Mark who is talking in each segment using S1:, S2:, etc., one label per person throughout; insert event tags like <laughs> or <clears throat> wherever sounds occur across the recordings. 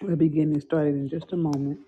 S1: We'll be getting started in just a moment.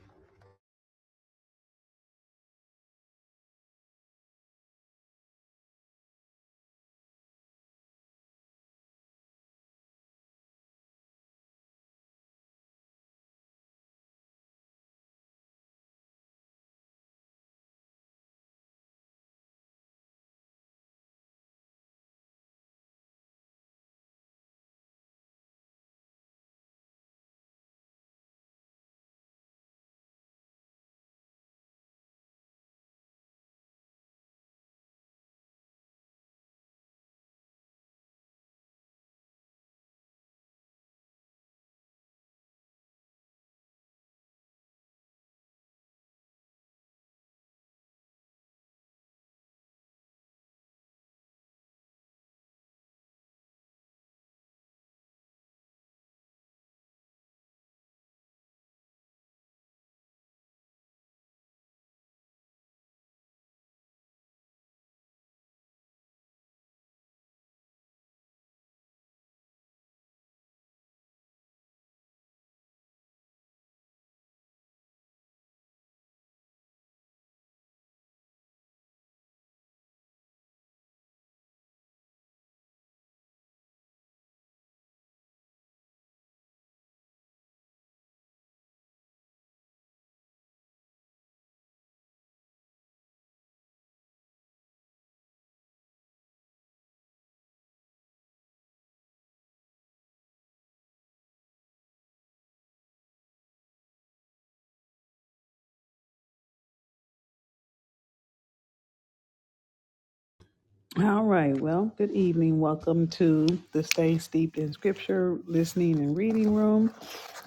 S1: All right. Well, good evening. Welcome to the Stay Steeped in Scripture Listening and Reading Room,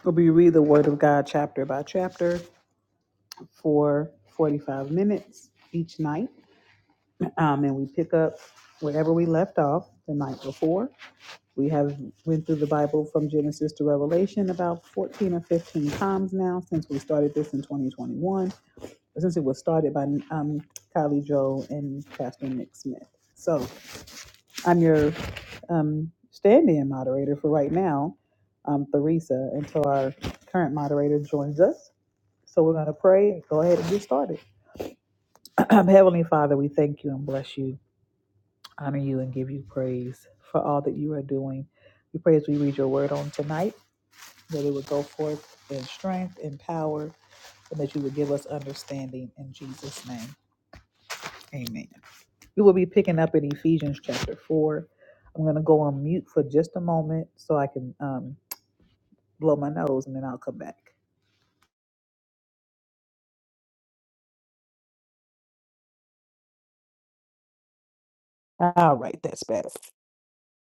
S1: where we read the Word of God chapter by chapter for 45 minutes each night. Um, and we pick up wherever we left off the night before. We have went through the Bible from Genesis to Revelation about 14 or 15 times now since we started this in 2021. since it was started by um, Kylie Joe and Pastor Nick Smith. So I'm your um, stand-in moderator for right now, um, Theresa, until our current moderator joins us. So we're going to pray. Go ahead and get started. <clears throat> Heavenly Father, we thank you and bless you, honor you, and give you praise for all that you are doing. We pray as we read your word on tonight that it would go forth in strength and power, and that you would give us understanding in Jesus' name. Amen. We will be picking up in Ephesians chapter 4. I'm going to go on mute for just a moment so I can um, blow my nose and then I'll come back. All right, that's better.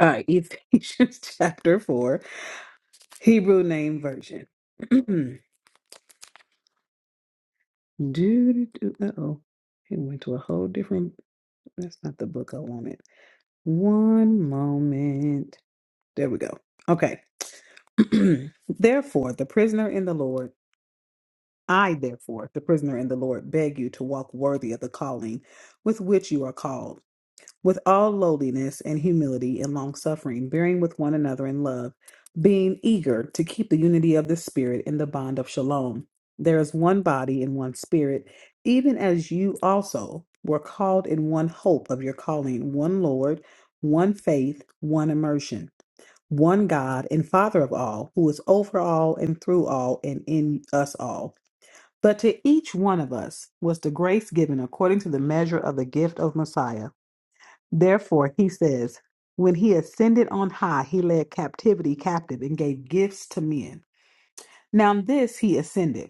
S1: All right, Ephesians <laughs> chapter 4, Hebrew name version. <clears throat> do, do, do, uh-oh. It went to a whole different, that's not the book I wanted. One moment. There we go. Okay. <clears throat> Therefore, the prisoner in the Lord. I, therefore, the prisoner in the Lord, beg you to walk worthy of the calling with which you are called, with all lowliness and humility and longsuffering, bearing with one another in love, being eager to keep the unity of the Spirit in the bond of shalom. There is one body and one Spirit, even as you also were called in one hope of your calling, one Lord, one faith, one immersion one God and Father of all, who is over all and through all and in us all. But to each one of us was the grace given according to the measure of the gift of Messiah. Therefore, he says, When he ascended on high, he led captivity captive and gave gifts to men. Now, this he ascended.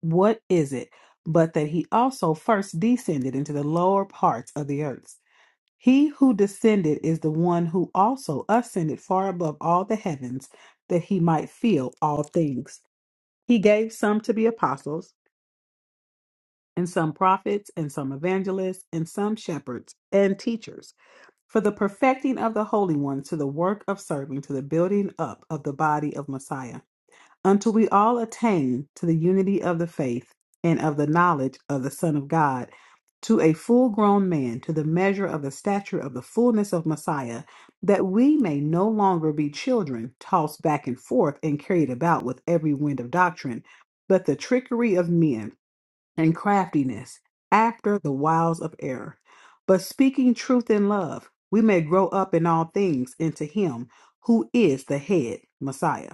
S1: What is it but that he also first descended into the lower parts of the earth? He who descended is the one who also ascended far above all the heavens that he might fill all things. He gave some to be apostles and some prophets, and some evangelists, and some shepherds and teachers, for the perfecting of the holy ones to the work of serving, to the building up of the body of Messiah, until we all attain to the unity of the faith and of the knowledge of the Son of God, to a full grown man, to the measure of the stature of the fullness of Messiah, that we may no longer be children, tossed back and forth and carried about with every wind of doctrine, but the trickery of men and craftiness after the wiles of error. But speaking truth in love, we may grow up in all things into Him who is the head, Messiah,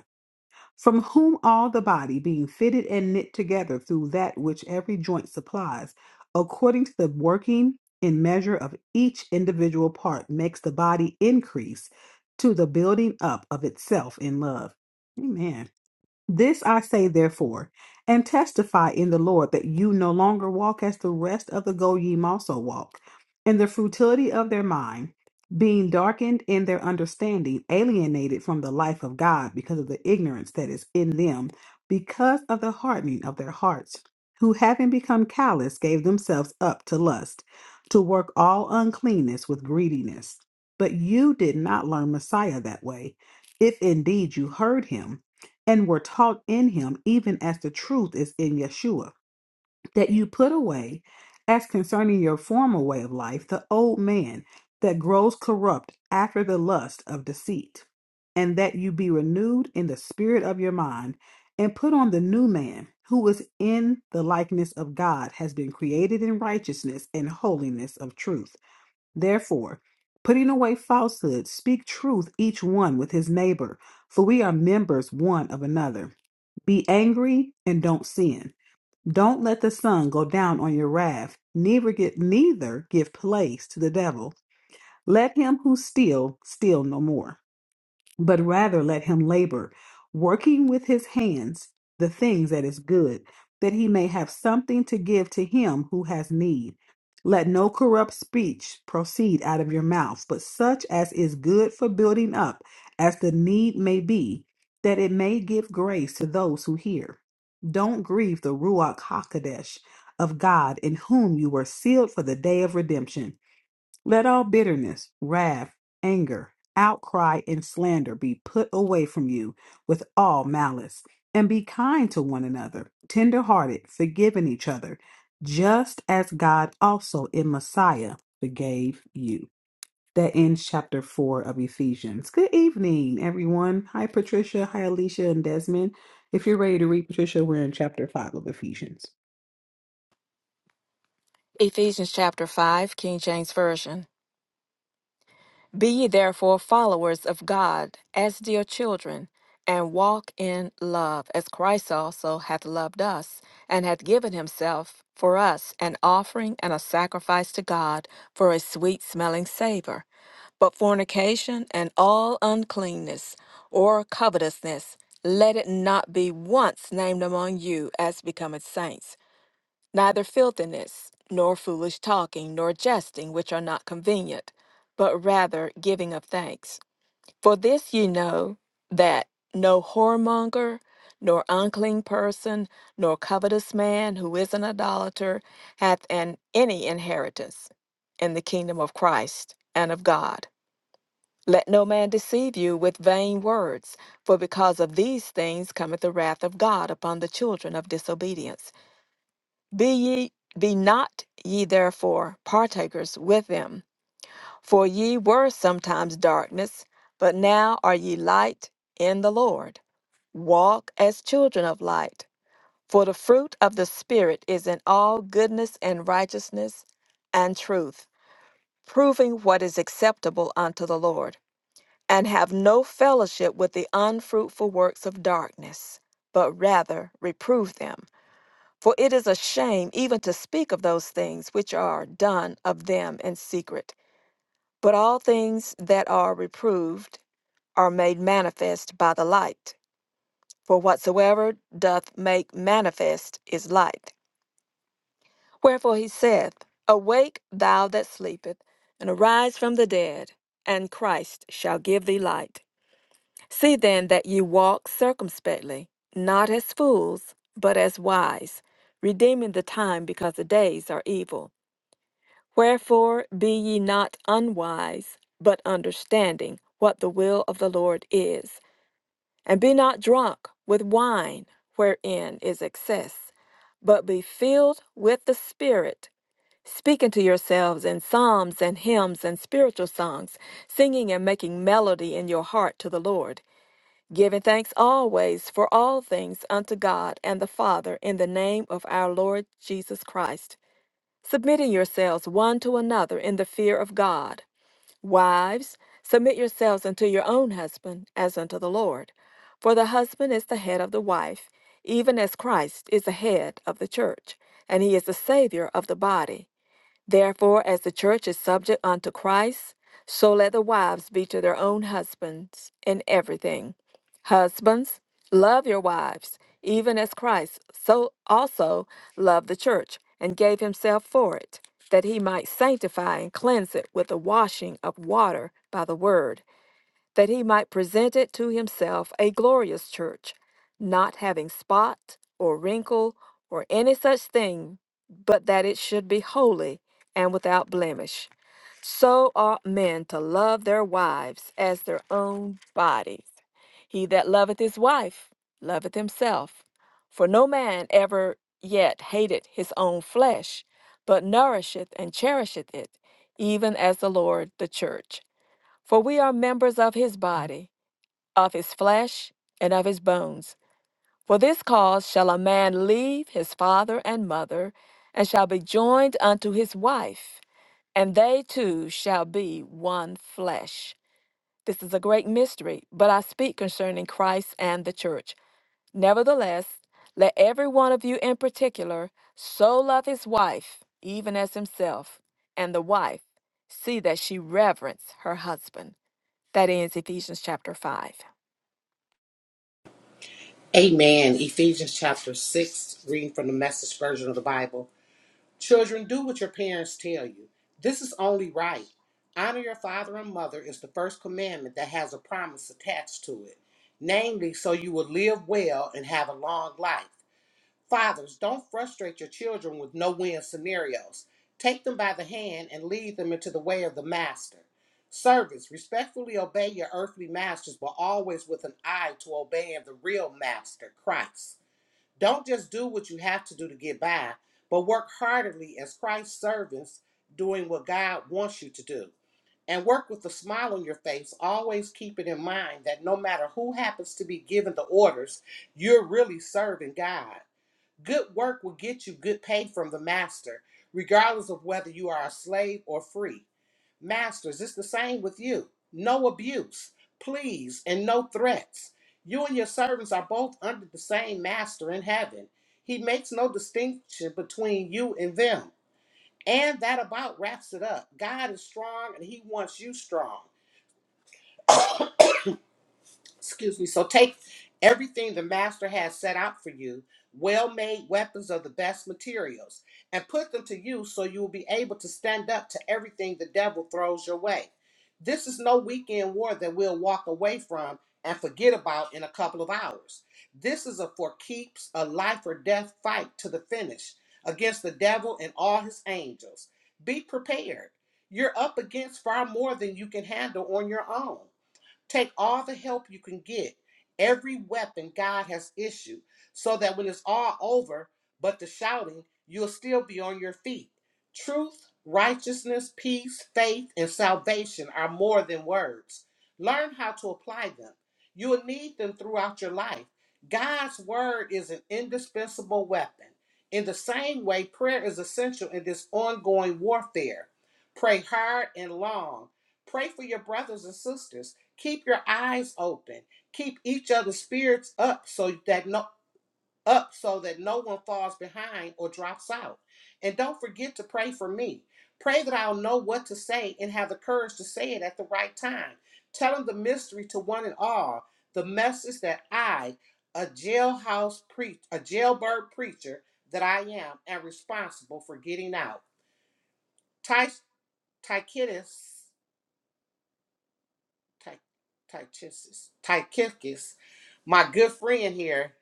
S1: from whom all the body, being fitted and knit together through that which every joint supplies, according to the working in measure of each individual part, makes the body increase to the building up of itself in love. Amen. This I say, therefore, and testify in the Lord that you no longer walk as the rest of the Goyim also walk, in the futility of their mind, being darkened in their understanding, alienated from the life of God because of the ignorance that is in them, because of the hardening of their hearts, who having become callous gave themselves up to lust, to work all uncleanness with greediness. But you did not learn Messiah that way, if indeed you heard him and were taught in him, even as the truth is in Yeshua, that you put away, as concerning your former way of life, the old man that grows corrupt after the lust of deceit, and that you be renewed in the spirit of your mind, and put on the new man, who is in the likeness of God, has been created in righteousness and holiness of truth. Therefore, putting away falsehood, speak truth each one with his neighbor, for we are members one of another. Be angry and don't sin. Don't let the sun go down on your wrath, neither get neither give place to the devil. Let him who steal steal no more but rather let him labor, working with his hands the things that is good, that he may have something to give to him who has need. Let no corrupt speech proceed out of your mouth, but such as is good for building up, as the need may be, that it may give grace to those who hear. Don't grieve the Ruach HaKodesh of God, in whom you were sealed for the day of redemption. Let all bitterness, wrath, anger, outcry, and slander be put away from you with all malice, and be kind to one another, tender-hearted, forgiving each other, just as God also in Messiah forgave you. That ends chapter four of Ephesians. Good evening, everyone. Hi, Patricia. Hi, Alicia and Desmond. If you're ready to read, Patricia, we're in chapter five of Ephesians.
S2: Ephesians chapter 5, King James Version. Be ye therefore followers of God as dear children, and walk in love, as Christ also hath loved us, and hath given himself for us an offering and a sacrifice to God for a sweet smelling savour. But fornication and all uncleanness or covetousness, let it not be once named among you as becometh saints neither filthiness, nor foolish talking, nor jesting, which are not convenient, but rather giving of thanks. For this ye know that no whoremonger, nor unclean person, nor covetous man who is an idolater hath an any inheritance in the kingdom of Christ and of God. Let no man deceive you with vain words, for because of these things cometh the wrath of God upon the children of disobedience. Be ye be not ye therefore partakers with them, for ye were sometimes darkness, but now are ye light in the Lord. Walk as children of light, for the fruit of the Spirit is in all goodness and righteousness and truth, proving what is acceptable unto the Lord, and have no fellowship with the unfruitful works of darkness, but rather reprove them. For it is a shame even to speak of those things which are done of them in secret. But all things that are reproved are made manifest by the light. For whatsoever doth make manifest is light. Wherefore he saith, Awake, thou that sleepeth, and arise from the dead, and Christ shall give thee light. See then that ye walk circumspectly, not as fools, but as wise, redeeming the time because the days are evil. Wherefore be ye not unwise, but understanding what the will of the Lord is. And be not drunk with wine, wherein is excess, but be filled with the Spirit, speaking to yourselves in psalms and hymns and spiritual songs, singing and making melody in your heart to the Lord, giving thanks always for all things unto God and the Father in the name of our Lord Jesus Christ submitting yourselves one to another in the fear of God. Wives, submit yourselves unto your own husband as unto the Lord. For the husband is the head of the wife, even as Christ is the head of the church, and he is the Savior of the body. Therefore, as the church is subject unto Christ, so let the wives be to their own husbands in everything. Husbands, love your wives, even as Christ so also loved the church and gave himself for it, that he might sanctify and cleanse it with the washing of water by the word that he might present it to himself a glorious church, not having spot or wrinkle or any such thing, but that it should be holy and without blemish. So ought men to love their wives as their own bodies. He that loveth his wife loveth himself. For no man ever yet hated his own flesh, but nourisheth and cherisheth it, even as the Lord the church. For we are members of his body, of his flesh, and of his bones. For this cause shall a man leave his father and mother, and shall be joined unto his wife, and they two shall be one flesh. This is a great mystery, but I speak concerning Christ and the church. Nevertheless, let every one of you in particular so love his wife, even as himself, and the wife see that she reverence her husband. That ends Ephesians chapter 5.
S3: Amen. Ephesians chapter 6, reading from the message version of the Bible. Children, do what your parents tell you. This is only right. Honor your father and mother is the first commandment that has a promise attached to it, namely, so you will live well and have a long life. Fathers, don't frustrate your children with no win scenarios. Take them by the hand and lead them into the way of the master. Servants, respectfully obey your earthly masters, but always with an eye to obeying the real master, Christ. Don't just do what you have to do to get by, but work heartily as Christ's servants, doing what God wants you to do and work with a smile on your face, always keeping in mind that no matter who happens to be given the orders, you're really serving God. Good work will get you good pay from the master, regardless of whether you are a slave or free. Masters, it's the same with you. No abuse, please, and no threats. You and your servants are both under the same master in heaven. He makes no distinction between you and them. And that about wraps it up. God is strong and he wants you strong. excuse me so take everything the master has set out for you well-made weapons of the best materials and put them to use so you will be able to stand up to everything the devil throws your way this is no weekend war that we'll walk away from and forget about in a couple of hours this is a for keeps a life or death fight to the finish against the devil and all his angels be prepared you're up against far more than you can handle on your own Take all the help you can get, every weapon God has issued, so that when it's all over, but the shouting, you'll still be on your feet. Truth, righteousness, peace, faith, and salvation are more than words. Learn how to apply them. You will need them throughout your life. God's word is an indispensable weapon. In the same way, prayer is essential in this ongoing warfare. Pray hard and long. Pray for your brothers and sisters keep your eyes open keep each other's spirits up so that no up so that no one falls behind or drops out and don't forget to pray for me pray that i'll know what to say and have the courage to say it at the right time tell them the mystery to one and all the message that i a jailhouse preach a jailbird preacher that i am am responsible for getting out Ty- Tychicus Ty- Tychicus, Tychicus, my good friend here.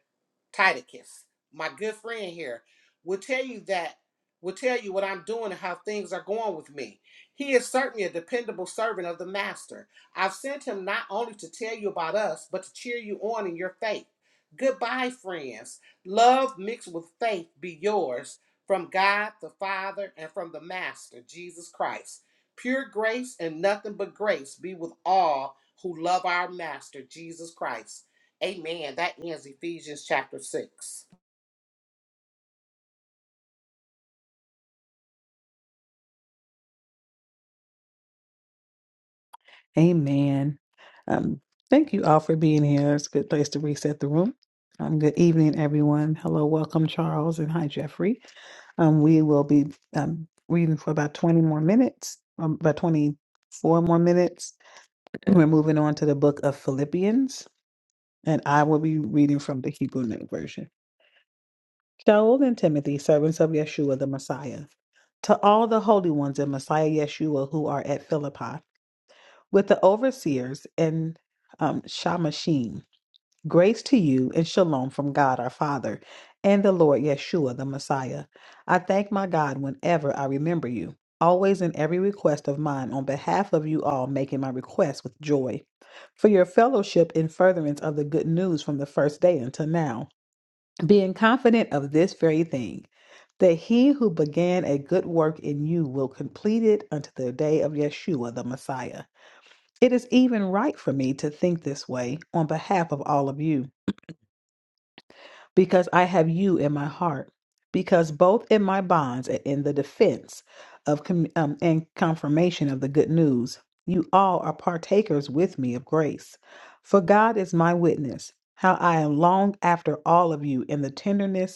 S3: Titicus, my good friend here, will tell you that will tell you what I'm doing and how things are going with me. He is certainly a dependable servant of the master. I've sent him not only to tell you about us, but to cheer you on in your faith. Goodbye, friends. Love mixed with faith be yours from God the Father and from the Master, Jesus Christ. Pure grace and nothing but grace be with all who love our Master, Jesus Christ. Amen. That ends Ephesians chapter 6.
S1: Amen. Um, thank you all for being here. It's a good place to reset the room. Um, good evening, everyone. Hello, welcome, Charles, and hi, Jeffrey. Um, we will be um, reading for about 20 more minutes, um, about 24 more minutes. We're moving on to the book of Philippians, and I will be reading from the Hebrew New Version. Shaul and Timothy, servants of Yeshua the Messiah, to all the holy ones in Messiah Yeshua who are at Philippi. with the overseers and um, Shamashim. Grace to you and shalom from God our Father and the Lord Yeshua the Messiah. I thank my God whenever I remember you, always in every request of mine on behalf of you all, making my request with joy. For your fellowship in furtherance of the good news from the first day until now, being confident of this very thing, that he who began a good work in you will complete it unto the day of Yeshua the Messiah. It is even right for me to think this way on behalf of all of you, because I have you in my heart, because both in my bonds and in the defense of com- um, and confirmation of the good news, you all are partakers with me of grace. For God is my witness, how I am long after all of you in the tenderness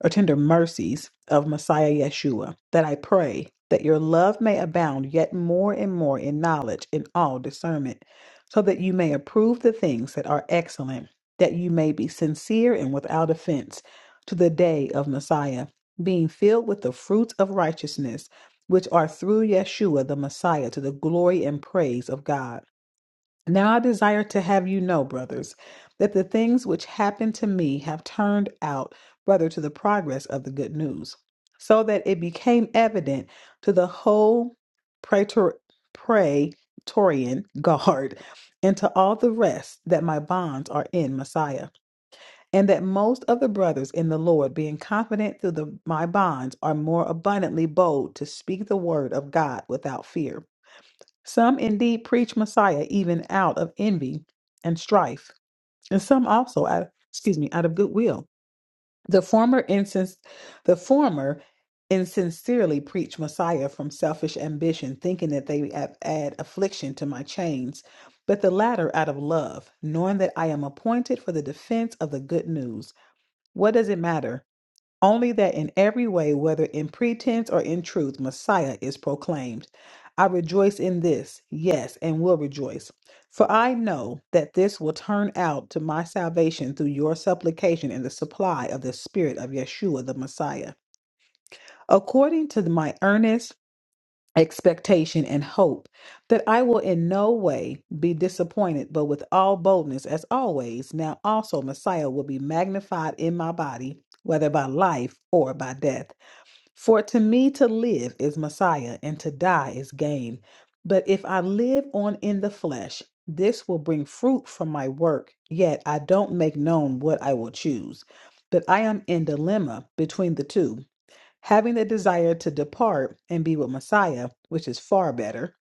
S1: or tender mercies of Messiah Yeshua, that I pray that your love may abound yet more and more in knowledge and all discernment, so that you may approve the things that are excellent, that you may be sincere and without offense to the day of Messiah, being filled with the fruits of righteousness, which are through Yeshua the Messiah to the glory and praise of God. Now I desire to have you know, brothers, that the things which happened to me have turned out rather to the progress of the good news, so that it became evident to the whole praetor- praetorian <laughs> guard and to all the rest that my bonds are in Messiah, and that most of the brothers in the Lord, being confident through the, my bonds, are more abundantly bold to speak the word of God without fear. Some indeed preach Messiah even out of envy and strife, and some also out, excuse me, out of goodwill. The former insins- the former insincerely preach Messiah from selfish ambition, thinking that they have add affliction to my chains, but the latter out of love, knowing that I am appointed for the defense of the good news. What does it matter? only that in every way, whether in pretense or in truth, Messiah is proclaimed. I rejoice in this, yes, and will rejoice. For I know that this will turn out to my salvation through your supplication and the supply of the Spirit of Yeshua the Messiah, according to my earnest expectation and hope that I will in no way be disappointed, but with all boldness, as always, now also Messiah will be magnified in my body, whether by life or by death. For to me to live is Messiah, and to die is gain. But if I live on in the flesh, this will bring fruit from my work. Yet I don't make known what I will choose. But I am in dilemma between the two, having the desire to depart and be with Messiah, which is far better.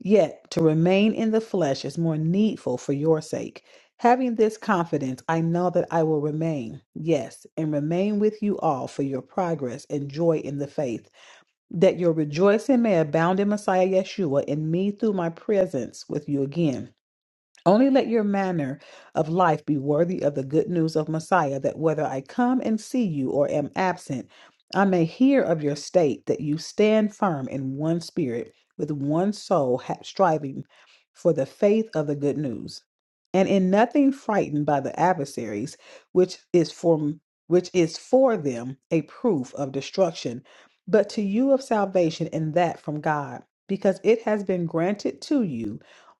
S1: Yet to remain in the flesh is more needful for your sake. Having this confidence, I know that I will remain, yes, and remain with you all for your progress and joy in the faith that your rejoicing may abound in Messiah Yeshua in me through my presence with you again. Only let your manner of life be worthy of the good news of Messiah, that whether I come and see you or am absent, I may hear of your state, that you stand firm in one spirit, with one soul, ha- striving for the faith of the good news, and in nothing frightened by the adversaries, which is for which is for them a proof of destruction, but to you of salvation, and that from God, because it has been granted to you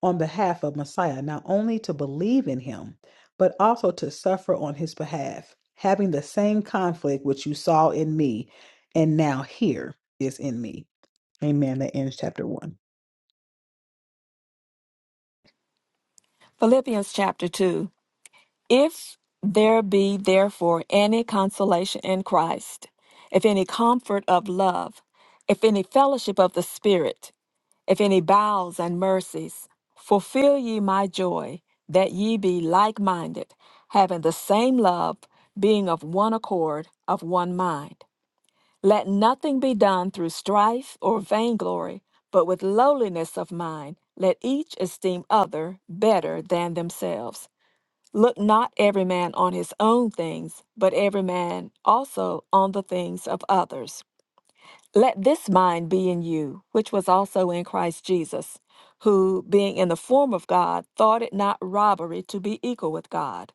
S1: on behalf of Messiah, not only to believe in him, but also to suffer on his behalf, having the same conflict which you saw in me and now here is in me. Amen. That ends chapter one.
S2: Philippians chapter 2 If there be therefore any consolation in Christ, if any comfort of love, if any fellowship of the Spirit, if any bowels and mercies, fulfill ye my joy, that ye be like minded, having the same love, being of one accord, of one mind. Let nothing be done through strife or vainglory, but with lowliness of mind, let each esteem other better than themselves. Look not every man on his own things, but every man also on the things of others. Let this mind be in you, which was also in Christ Jesus, who, being in the form of God, thought it not robbery to be equal with God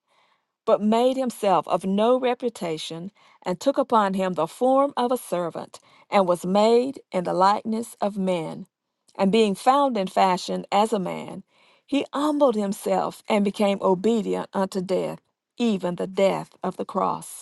S2: but made himself of no reputation, and took upon him the form of a servant, and was made in the likeness of men. And being found in fashion as a man, he humbled himself and became obedient unto death, even the death of the cross.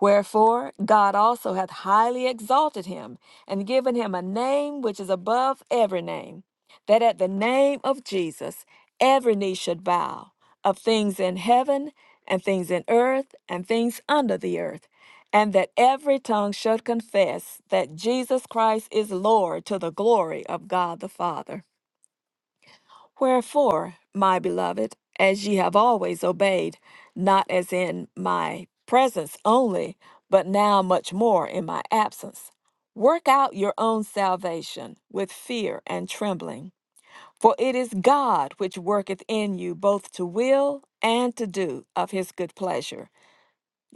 S2: Wherefore God also hath highly exalted him, and given him a name which is above every name, that at the name of Jesus every knee should bow, of things in heaven, and things in earth, and things under the earth, and that every tongue should confess that Jesus Christ is Lord to the glory of God the Father. Wherefore, my beloved, as ye have always obeyed, not as in my presence only, but now much more in my absence, work out your own salvation with fear and trembling. For it is God which worketh in you both to will and to do of his good pleasure.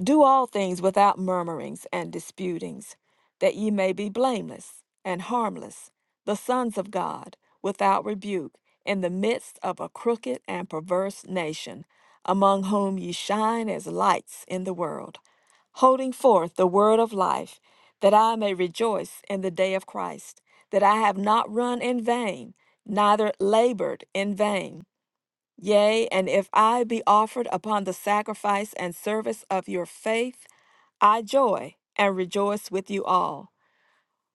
S2: Do all things without murmurings and disputings, that ye may be blameless and harmless, the sons of God, without rebuke, in the midst of a crooked and perverse nation, among whom ye shine as lights in the world, holding forth the word of life, that I may rejoice in the day of Christ, that I have not run in vain, neither labored in vain. Yea, and if I be offered upon the sacrifice and service of your faith, I joy and rejoice with you all.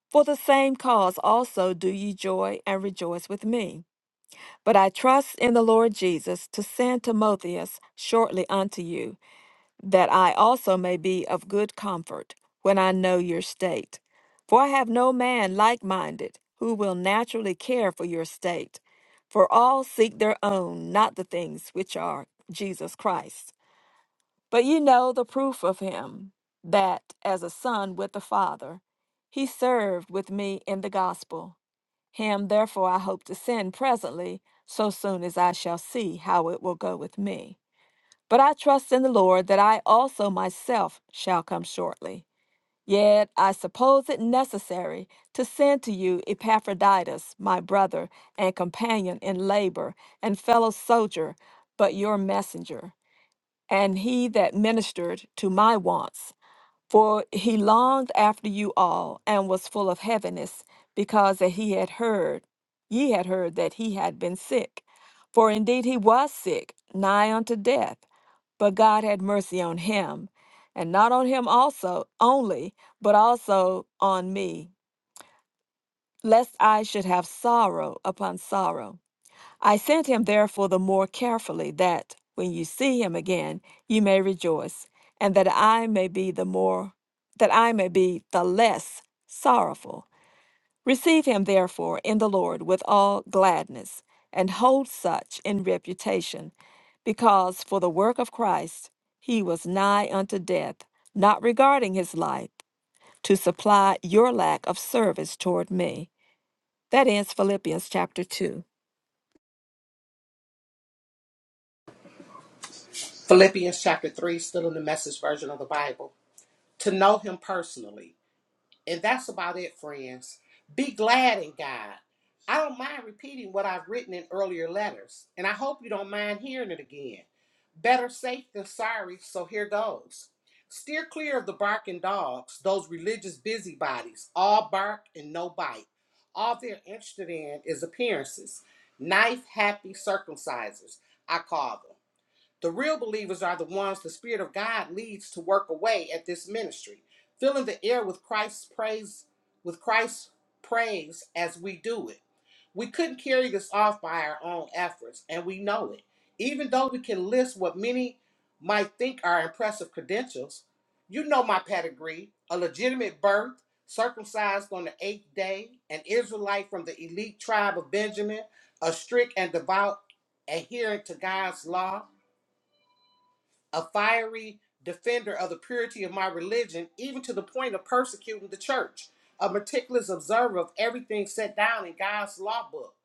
S2: For the same cause also do ye joy and rejoice with me. But I trust in the Lord Jesus to send Timotheus shortly unto you that I also may be of good comfort when I know your state. For I have no man like minded who will naturally care for your state. For all seek their own, not the things which are Jesus Christ. But you know the proof of him, that as a son with the Father, he served with me in the gospel. Him therefore I hope to send presently, so soon as I shall see how it will go with me but I trust in the Lord that I also myself shall come shortly. Yet I suppose it necessary to send to you Epaphroditus, my brother and companion in labor and fellow soldier, but your messenger, and he that ministered to my wants. For he longed after you all and was full of heaviness, because that he had heard, ye had heard that he had been sick. For indeed he was sick, nigh unto death but God had mercy on him, and not on him also only, but also on me, lest I should have sorrow upon sorrow. I sent him therefore the more carefully, that when you see him again, you may rejoice, and that I may be the more that I may be the less sorrowful. Receive him therefore in the Lord with all gladness, and hold such in reputation, because for the work of Christ he was nigh unto death, not regarding his life, to supply your lack of service toward me. That ends Philippians chapter 2.
S3: Philippians chapter 3, still in the message version of the Bible. To know him personally. And that's about it, friends. Be glad in God. I don't mind repeating what I've written in earlier letters, and I hope you don't mind hearing it again. Better safe than sorry, so here goes. Steer clear of the barking dogs, those religious busybodies, all bark and no bite. All they're interested in is appearances. Knife happy circumcisers, I call them. The real believers are the ones the Spirit of God leads to work away at this ministry, filling the air with Christ's praise, with Christ's praise as we do it. We couldn't carry this off by our own efforts, and we know it. Even though we can list what many might think are impressive credentials, you know my pedigree, a legitimate birth, circumcised on the eighth day, an Israelite from the elite tribe of Benjamin, a strict and devout adherent to God's law, a fiery defender of the purity of my religion, even to the point of persecuting the church, a meticulous observer of everything set down in God's law book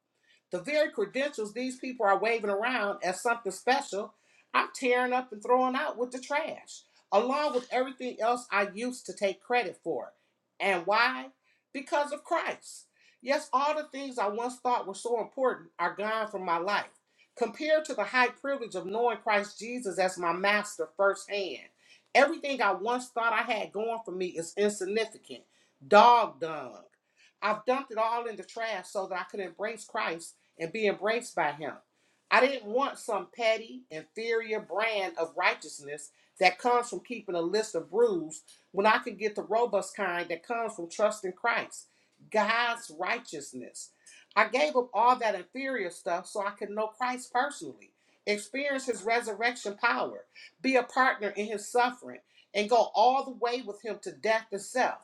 S3: the very credentials these people are waving around as something special, I'm tearing up and throwing out with the trash, along with everything else I used to take credit for. And why? Because of Christ. Yes, all the things I once thought were so important are gone from my life. Compared to the high privilege of knowing Christ Jesus as my master firsthand, everything I once thought I had going for me is insignificant, dog dung. I've dumped it all in the trash so that I could embrace Christ and be embraced by Him. I didn't want some petty, inferior brand of righteousness that comes from keeping a list of rules when I could get the robust kind that comes from trusting Christ, God's righteousness. I gave up all that inferior stuff so I could know Christ personally, experience his resurrection power, be a partner in his suffering, and go all the way with him to death itself.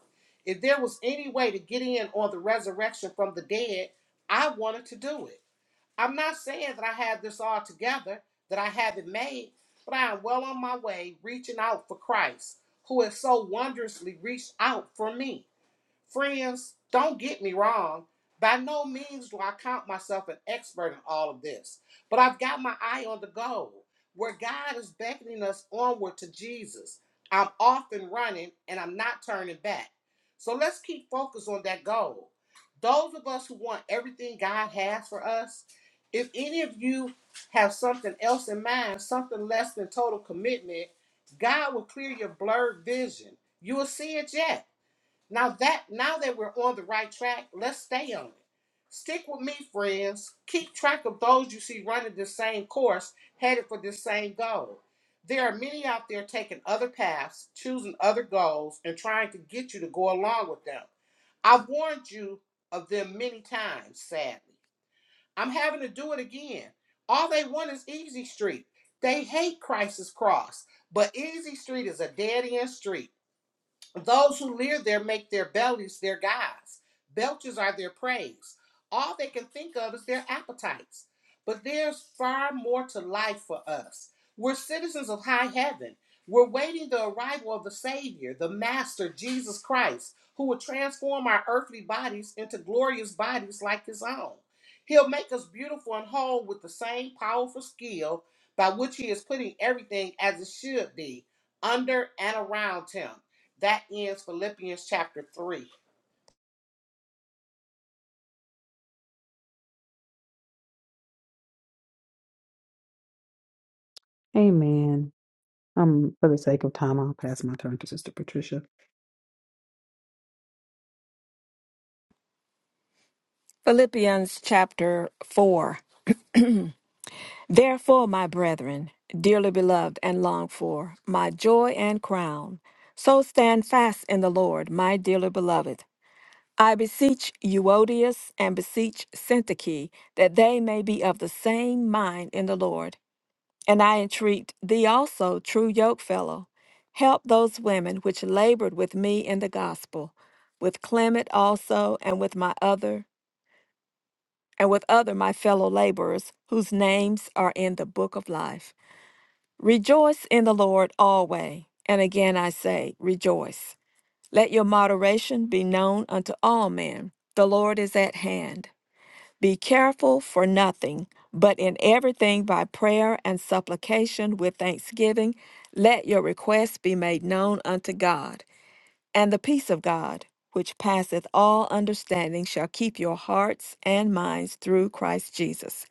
S3: If there was any way to get in on the resurrection from the dead, I wanted to do it. I'm not saying that I have this all together, that I have it made, but I am well on my way reaching out for Christ, who has so wondrously reached out for me. Friends, don't get me wrong. By no means do I count myself an expert in all of this, but I've got my eye on the goal where God is beckoning us onward to Jesus. I'm off and running and I'm not turning back. So let's keep focused on that goal. Those of us who want everything God has for us, if any of you have something else in mind, something less than total commitment, God will clear your blurred vision. You will see it yet. Now that now that we're on the right track, let's stay on it. Stick with me, friends. Keep track of those you see running the same course, headed for the same goal. There are many out there taking other paths, choosing other goals, and trying to get you to go along with them. I've warned you of them many times, sadly. I'm having to do it again. All they want is Easy Street. They hate Christ's Cross, but Easy Street is a dead end street. Those who live there make their bellies their gods. Belches are their praise. All they can think of is their appetites. But there's far more to life for us. We're citizens of high heaven. We're waiting the arrival of the Savior, the Master, Jesus Christ, who will transform our earthly bodies into glorious bodies like His own. He'll make us beautiful and whole with the same powerful skill by which He is putting everything as it should be under and around Him. That ends Philippians chapter 3.
S1: Amen. Um, for the sake of time, I'll pass my turn to Sister Patricia.
S2: Philippians chapter 4. Therefore, my brethren, dearly beloved and longed for, my joy and crown, so stand fast in the Lord, my dearly beloved. I beseech Euodius and beseech Syntyche that they may be of the same mind in the Lord. And I entreat thee also, true yokefellow, help those women which labored with me in the gospel, with Clement also, and with my other, and with other my fellow laborers, whose names are in the book of life. Rejoice in the Lord always. And again I say, rejoice. Let your moderation be known unto all men. The Lord is at hand. Be careful for nothing, but in everything by prayer and supplication with thanksgiving, let your requests be made known unto God. And the peace of God, which passeth all understanding, shall keep your hearts and minds through Christ Jesus.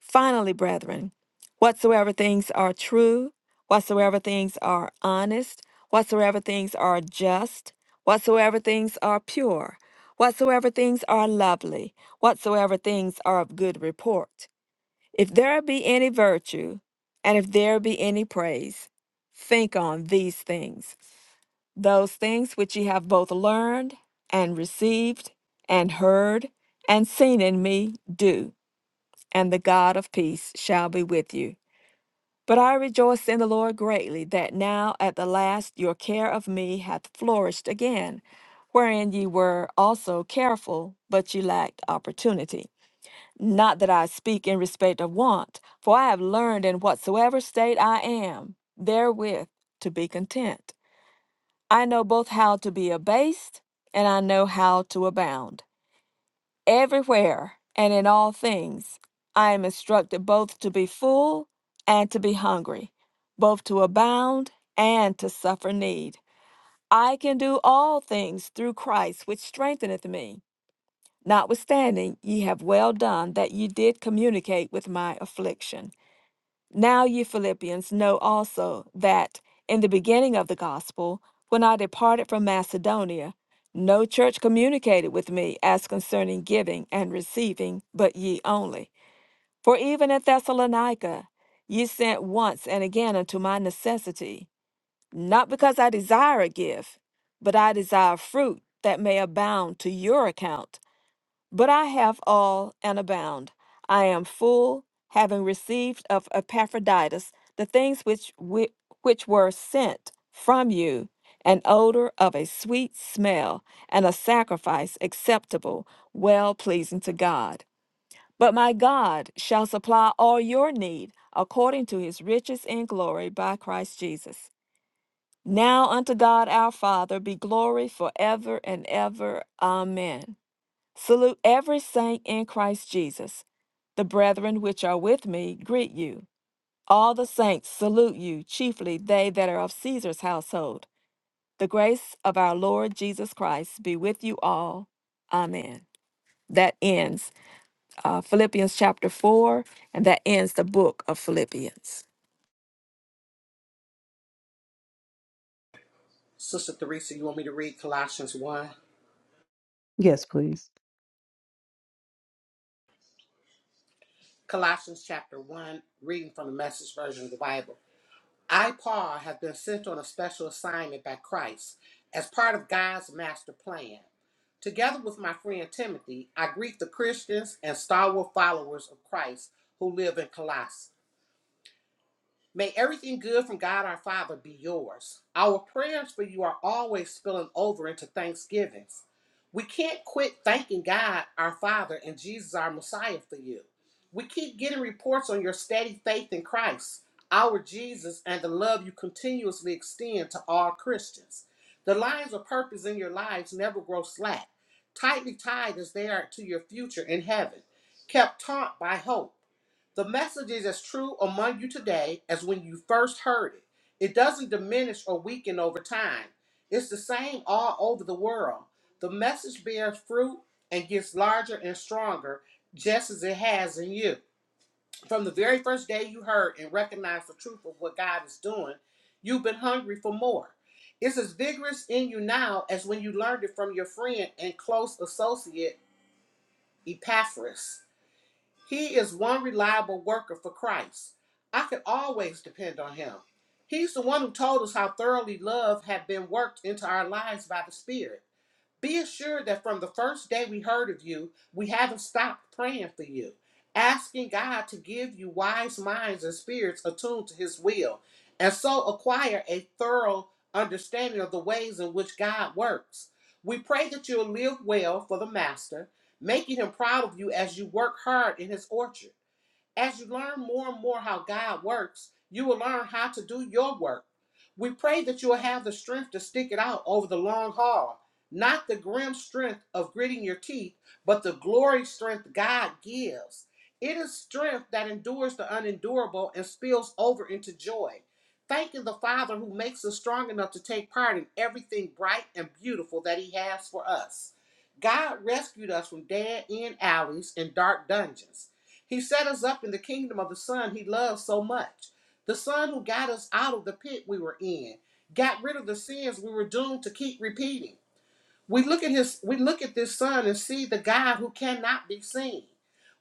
S2: Finally, brethren, whatsoever things are true, whatsoever things are honest, whatsoever things are just, whatsoever things are pure, whatsoever things are lovely, whatsoever things are of good report, if there be any virtue, and if there be any praise, think on these things. Those things which ye have both learned and received and heard and seen in me, do and the God of peace shall be with you. But I rejoice in the Lord greatly that now at the last your care of me hath flourished again, wherein ye were also careful, but ye lacked opportunity. Not that I speak in respect of want, for I have learned in whatsoever state I am, therewith to be content. I know both how to be abased, and I know how to abound. Everywhere and in all things, I am instructed both to be full and to be hungry, both to abound and to suffer need. I can do all things through Christ, which strengtheneth me. Notwithstanding, ye have well done that ye did communicate with my affliction. Now ye Philippians know also that in the beginning of the gospel, when I departed from Macedonia, no church communicated with me as concerning giving and receiving, but ye only. For even at Thessalonica ye sent once and again unto my necessity, not because I desire a gift, but I desire fruit that may abound to your account. But I have all and abound. I am full, having received of Epaphroditus the things which, wi- which were sent from you an odor of a sweet smell and a sacrifice acceptable, well pleasing to God. But my God shall supply all your need according to his riches in glory by Christ Jesus. Now unto God our Father be glory forever and ever. Amen. Salute every saint in Christ Jesus. The brethren which are with me greet you. All the saints salute you, chiefly they that are of Caesar's household. The grace of our Lord Jesus Christ be with you all. Amen. That ends uh, Philippians chapter 4, and that ends the book of Philippians.
S3: Sister Theresa, you want me to read Colossians 1?
S1: Yes, please.
S3: Colossians chapter 1, reading from the message version of the Bible. I, Paul, have been sent on a special assignment by Christ as part of God's master plan. Together with my friend Timothy, I greet the Christians and stalwart followers of Christ who live in Colossae. May everything good from God our Father be yours. Our prayers for you are always spilling over into thanksgivings. We can't quit thanking God our Father and Jesus our Messiah for you. We keep getting reports on your steady faith in Christ, our Jesus, and the love you continuously extend to all Christians. The lines of purpose in your lives never grow slack, tightly tied as they are to your future in heaven, kept taut by hope. The message is as true among you today as when you first heard it. It doesn't diminish or weaken over time. It's the same all over the world. The message bears fruit and gets larger and stronger, just as it has in you. From the very first day you heard and recognized the truth of what God is doing, you've been hungry for more. It's as vigorous in you now as when you learned it from your friend and close associate, Epaphras. He is one reliable worker for Christ. I can always depend on him. He's the one who told us how thoroughly love had been worked into our lives by the Spirit. Be assured that from the first day we heard of you, we haven't stopped praying for you, asking God to give you wise minds and spirits attuned to His will, and so acquire a thorough understanding of the ways in which God works. We pray that you'll live well for the Master, making Him proud of you as you work hard in His orchard. As you learn more and more how God works, you will learn how to do your work. We pray that you will have the strength to stick it out over the long haul, not the grim strength of gritting your teeth, but the glory strength God gives. It is strength that endures the unendurable and spills over into joy. Thanking the Father who makes us strong enough to take part in everything bright and beautiful that He has for us. God rescued us from dead end alleys and dark dungeons. He set us up in the kingdom of the Son he loves so much. The Son who got us out of the pit we were in, got rid of the sins we were doomed to keep repeating we look at his we look at this son and see the God who cannot be seen.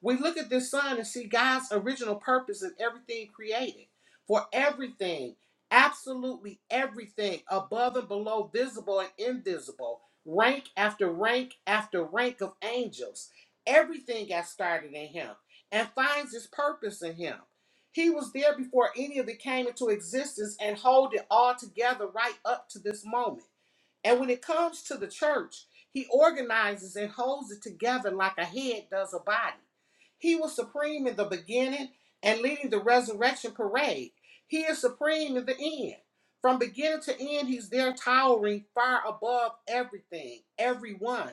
S3: We look at this son and see God's original purpose in everything created. For everything, absolutely everything, above and below, visible and invisible, rank after rank after rank of angels. Everything got started in him and finds its purpose in him. He was there before any of it came into existence and hold it all together right up to this moment. And when it comes to the church, he organizes and holds it together like a head does a body. He was supreme in the beginning and leading the resurrection parade. He is supreme in the end. From beginning to end, he's there towering far above everything, everyone.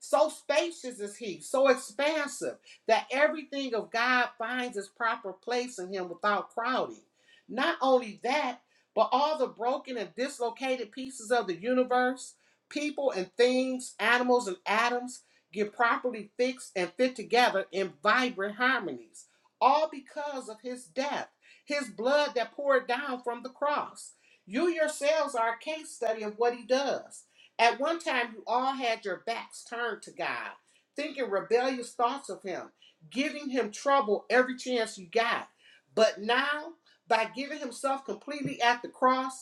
S3: So spacious is he, so expansive that everything of God finds its proper place in him without crowding. Not only that, but all the broken and dislocated pieces of the universe, people and things, animals and atoms, get properly fixed and fit together in vibrant harmonies, all because of his death, his blood that poured down from the cross. You yourselves are a case study of what he does. At one time, you all had your backs turned to God, thinking rebellious thoughts of him, giving him trouble every chance you got. But now, by giving himself completely at the cross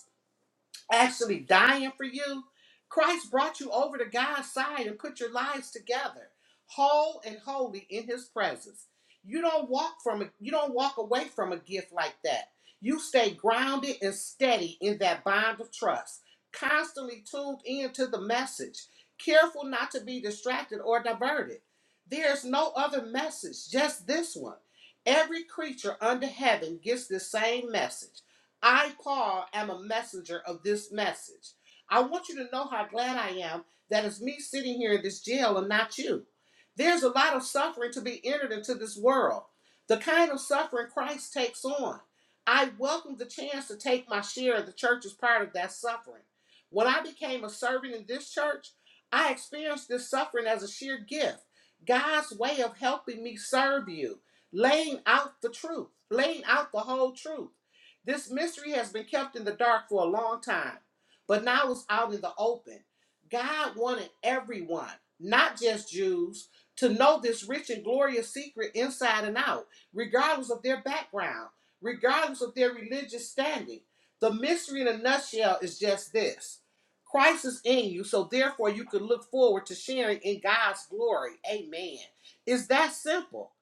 S3: actually dying for you. Christ brought you over to God's side and put your lives together, whole and holy in his presence. You don't walk from you don't walk away from a gift like that. You stay grounded and steady in that bond of trust, constantly tuned in to the message, careful not to be distracted or diverted. There's no other message, just this one. Every creature under heaven gets the same message I, Paul, am a messenger of this message. I want you to know how glad I am that it's me sitting here in this jail and not you. There's a lot of suffering to be entered into this world, the kind of suffering Christ takes on. I welcome the chance to take my share of the church's part of that suffering. When I became a servant in this church, I experienced this suffering as a sheer gift, God's way of helping me serve you, laying out the truth, laying out the whole truth. This mystery has been kept in the dark for a long time, but now it's out in the open. God wanted everyone, not just Jews, to know this rich and glorious secret inside and out, regardless of their background, regardless of their religious standing. The mystery in a nutshell is just this Christ is in you, so therefore you can look forward to sharing in God's glory. Amen. It's that simple.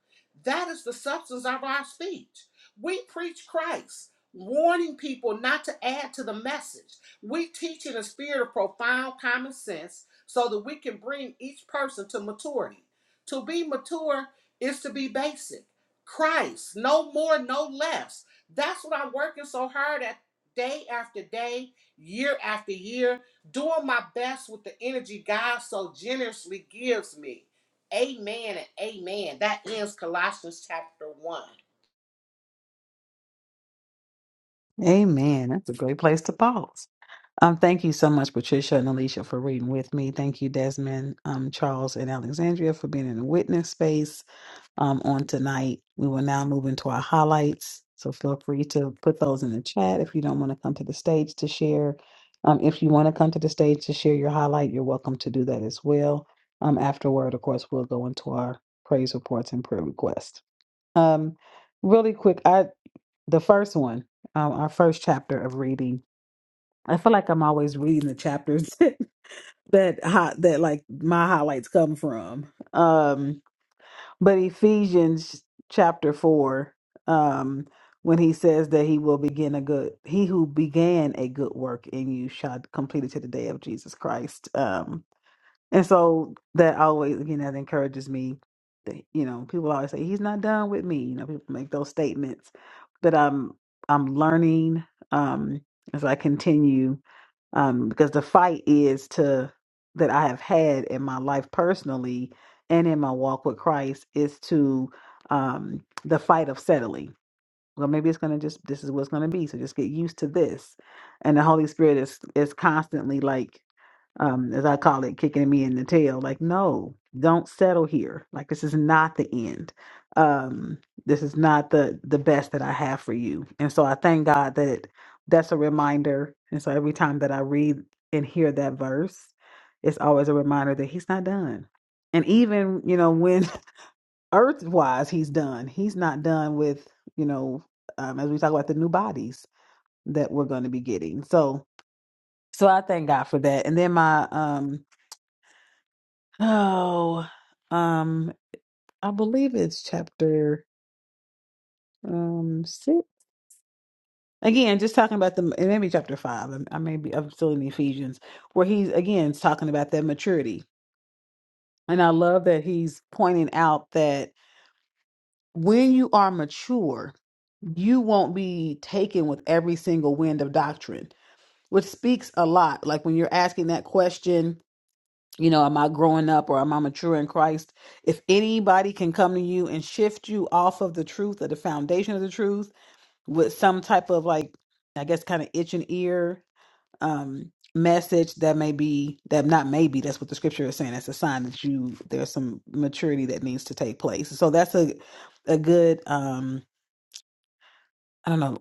S3: That is the substance of our speech. We preach Christ warning people not to add to the message. We teach in a spirit of profound common sense so that we can bring each person to maturity. To be mature is to be basic. Christ, no more, no less. That's what I'm working so hard at day after day, year after year, doing my best with the energy God so generously gives me. Amen and amen. That ends Colossians chapter 1.
S1: Amen. That's a great place to pause. Um, thank you so much, Patricia and Alicia, for reading with me. Thank you, Desmond, um, Charles, and Alexandria for being in the witness space um, on tonight. We will now move into our highlights. So feel free to put those in the chat if you don't want to come to the stage to share. Um, if you want to come to the stage to share your highlight, you're welcome to do that as well. Um, afterward, of course, we'll go into our praise reports and prayer requests. Um, really quick, I the first one, um, our first chapter of reading. I feel like I'm always reading the chapters <laughs> that hot that like my highlights come from. Um, but Ephesians chapter four, um, when he says that he will begin a good, he who began a good work in you shall complete it to the day of Jesus Christ. Um, and so that always, again, that encourages me. That, you know, people always say he's not done with me. You know, people make those statements, but I'm I'm learning um, as I continue um, because the fight is to that I have had in my life personally and in my walk with Christ is to um, the fight of settling. Well, maybe it's gonna just this is what's gonna be. So just get used to this, and the Holy Spirit is is constantly like um, as I call it, kicking me in the tail. Like, no, don't settle here. Like, this is not the end. Um, this is not the the best that I have for you. And so I thank God that that's a reminder. And so every time that I read and hear that verse, it's always a reminder that He's not done. And even you know when <laughs> earth wise He's done, He's not done with you know um, as we talk about the new bodies that we're going to be getting. So so I thank God for that. And then my um Oh, um, I believe it's chapter um six. Again, just talking about the it may be chapter five. I, I may be I'm still in Ephesians, where he's again talking about that maturity. And I love that he's pointing out that when you are mature, you won't be taken with every single wind of doctrine, which speaks a lot. Like when you're asking that question, you know am i growing up or am i mature in christ if anybody can come to you and shift you off of the truth or the foundation of the truth with some type of like i guess kind of itch and ear um message that may be that not maybe that's what the scripture is saying that's a sign that you there's some maturity that needs to take place so that's a a good um i don't know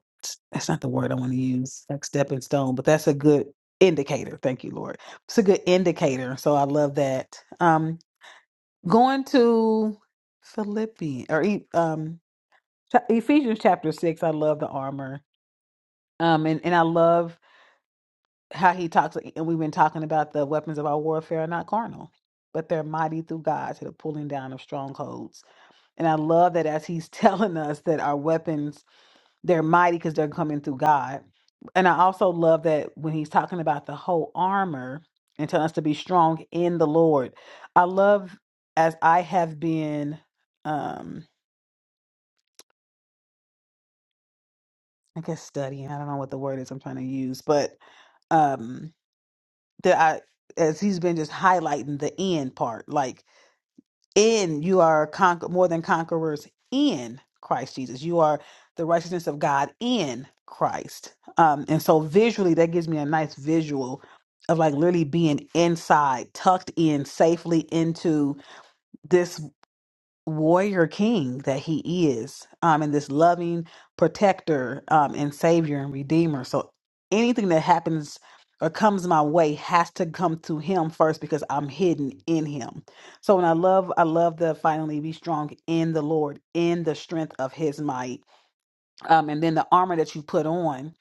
S1: that's not the word i want to use like stepping stone but that's a good indicator thank you lord it's a good indicator so i love that Um, Going to Philippians or E- um cha- Ephesians chapter six. I love the armor. Um, and and I love how he talks. And we've been talking about the weapons of our warfare are not carnal, but they're mighty through God to the pulling down of strongholds. And I love that as he's <laughs> telling us that our weapons they're mighty because they're coming through God. And I also love that when he's talking about the whole armor and telling us to be strong in the Lord. I love as I have been. Um, I guess studying. I don't know what the word is I'm trying to use, but um that I as he's been just highlighting the end part, like in you are conquer more than conquerors in Christ Jesus. You are the righteousness of God in Christ. Um and so visually that gives me a nice visual of like literally being inside, tucked in safely into this warrior king that he is um and this loving protector um and savior and redeemer so anything that happens or comes my way has to come to him first because I'm hidden in him. So when I love I love the finally be strong in the Lord in the strength of his might. Um and then the armor that you put on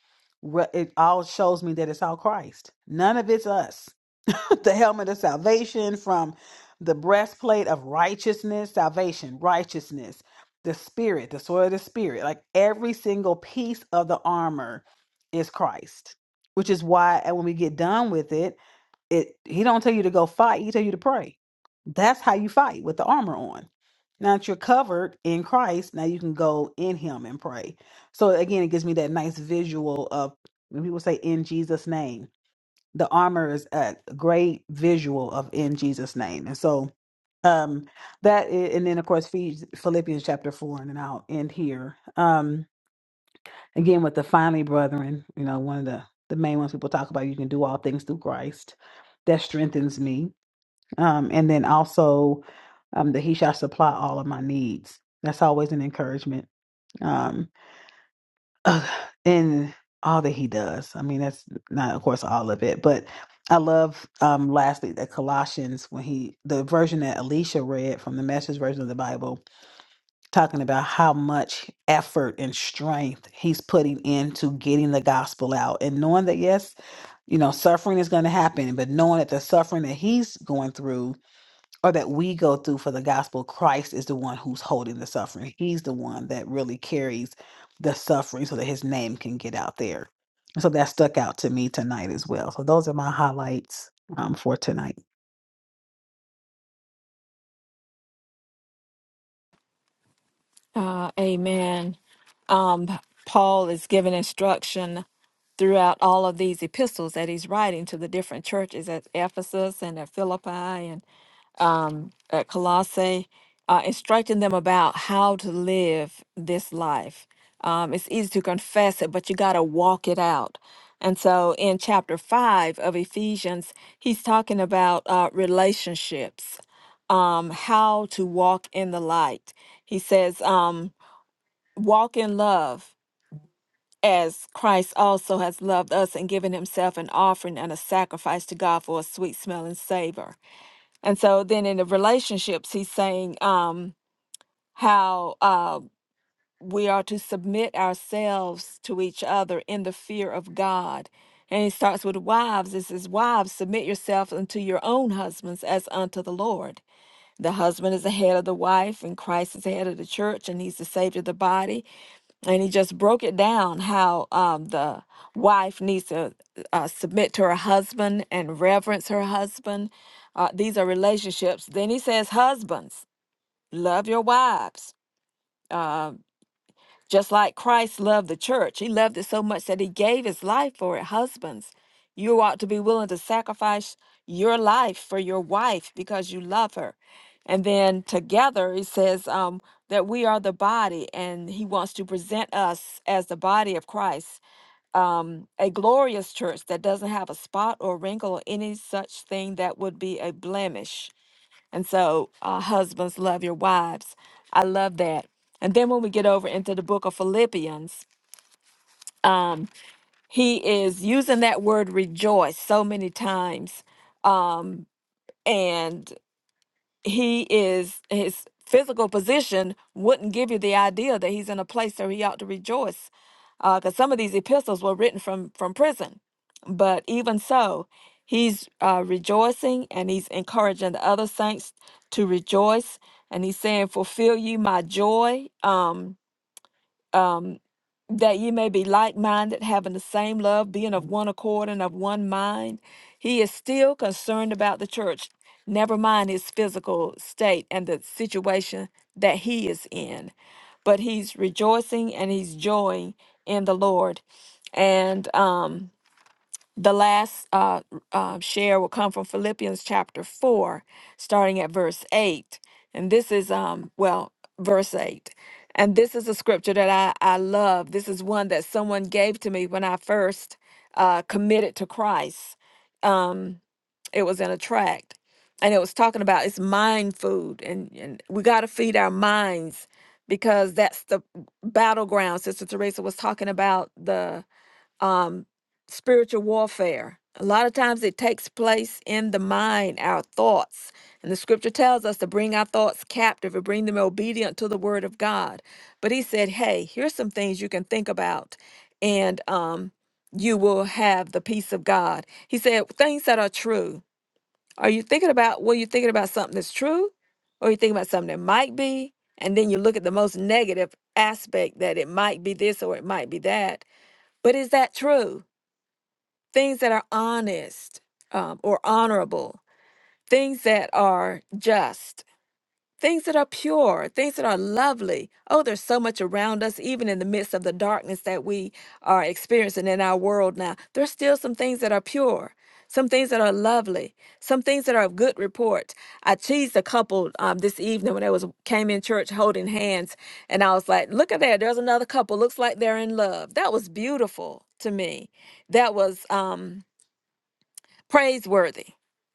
S1: re- it all shows me that it's all Christ. None of it's us the helmet of salvation, from the breastplate of righteousness, salvation, righteousness, the spirit, the sword of the spirit. Like every single piece of the armor is Christ, which is why and when we get done with it, it he don't tell you to go fight, he tell you to pray. That's how you fight with the armor on. Now that you're covered in Christ, now you can go in him and pray. So again, it gives me that nice visual of when people say in Jesus' name the armor is a great visual of in Jesus' name. And so um that i- and then of course Phi- Philippians chapter four, and then I'll end here. Um again with the finally brethren, you know, one of the the main ones people talk about you can do all things through Christ. That strengthens me. Um and then also um that he shall supply all of my needs. That's always an encouragement. Um, uh, in all that he does. I mean, that's not, of course, all of it, but I love, um, lastly, that Colossians, when he, the version that Alicia read from the message version of the Bible, talking about how much effort and strength he's putting into getting the gospel out and knowing that, yes, you know, suffering is going to happen, but knowing that the suffering that he's going through or that we go through for the gospel, Christ is the one who's holding the suffering. He's the one that really carries the suffering so that his name can get out there. So that stuck out to me tonight as well. So those are my highlights um, for tonight.
S2: Uh, amen. Um, Paul is giving instruction throughout all of these epistles that he's writing to the different churches at Ephesus and at Philippi and um, at Colossae, uh, instructing them about how to live this life. Um, it's easy to confess it, but you got to walk it out. And so in chapter 5 of Ephesians, he's talking about uh, relationships, um, how to walk in the light he says, um, walk in love as Christ also has loved us and given himself an offering and a sacrifice to God for a sweet smelling savor. And so then in the relationships, he's saying um, how uh, we are to submit ourselves to each other in the fear of God. And he starts with wives. It says, Wives, submit yourself unto your own husbands as unto the Lord. The husband is the head of the wife, and Christ is the head of the church, and he's the savior of the body. and he just broke it down how um, the wife needs to uh, submit to her husband and reverence her husband. Uh, these are relationships. Then he says, Husbands, love your wives. Uh, just like Christ loved the church, he loved it so much that he gave his life for it. Husbands, you ought to be willing to sacrifice your life for your wife because you love her. And then together, he says um, that we are the body, and he wants to present us as the body of Christ, um, a glorious church that doesn't have a spot or wrinkle or any such thing that would be a blemish and so, uh, husbands, love your wives. I love that. And then when we get over into the book of Philippians, um, he is using that word rejoice so many times. Um, and he is his physical position wouldn't give you the idea that he's in a place where he ought to rejoice because some of these epistles were written from from prison but even so he's uh, rejoicing and he's encouraging the other saints to rejoice and he's saying fulfill you my joy um, um, that ye may be like minded, having the same love, being of one accord and of one mind. He is still concerned about the church, never mind its physical state and the situation that he is in. But he's rejoicing and he's joying in the Lord. And um, the last uh, uh, share will come from Philippians chapter 4, starting at verse 8. And this is, um, well, verse 8. And this is a scripture that I, I love. This is one that someone gave to me when I first uh, committed to Christ. Um, it was in a tract. And it was talking about it's mind food, and, and we got to feed our minds because that's the battleground. Sister Teresa was talking about the um, spiritual warfare. A lot of times it takes place in the mind, our thoughts. And the scripture tells us to bring our thoughts captive and bring them obedient to the word of God. But he said, hey, here's some things you can think about, and um, you will have the peace of God. He said, things that are true. Are you thinking about, well, you thinking about something that's true? Or you thinking about something that might be? And then you look at the most negative aspect that it might be this or it might be that. But is that true? things that are honest um, or honorable, things that are just, things that are pure, things that are lovely. Oh, there's so much around us, even in the midst of the darkness that we are experiencing in our world now. There's still some things that are pure. Some things that are lovely, some things that are of good report. I teased a couple um, this evening when they was came in church holding hands, and I was like, "Look at there, there's another couple. Looks like they're in love." That was beautiful to me. That was um, praiseworthy.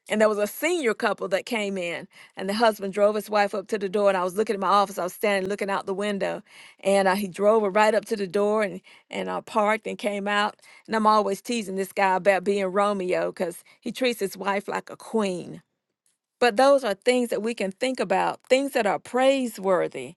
S2: And there was a senior couple that came in, and the husband drove his wife up to the door. And I was looking at my office. I was standing looking out the window, and uh, he drove her right up to the door and and uh, parked and came out. And I'm always teasing this guy about being Romeo because he treats his wife like a queen but those are things that we can think about, things that are praiseworthy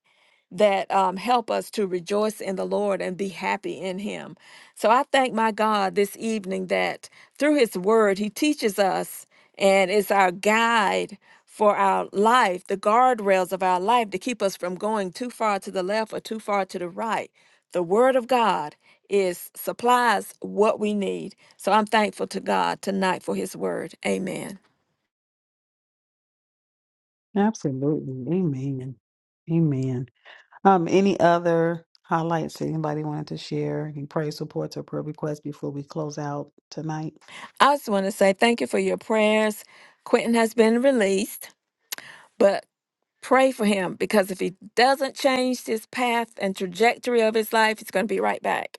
S2: that um, help us to rejoice in the Lord and be happy in Him. So I thank my God this evening that through His Word, He teaches us and is our guide for our life, the guardrails of our life to keep us from going too far to the left or too far to the right. The Word of God is supplies what we need. So I'm thankful to God tonight for His Word. Amen.
S1: Absolutely. Amen. Amen. Um, any other highlights anybody wanted to share? Any praise supports or prayer requests before we close out tonight?
S2: I just want to say thank you for your prayers. Quentin has been released, but pray for him because if he doesn't change his path and trajectory of his life, he's going to be right back.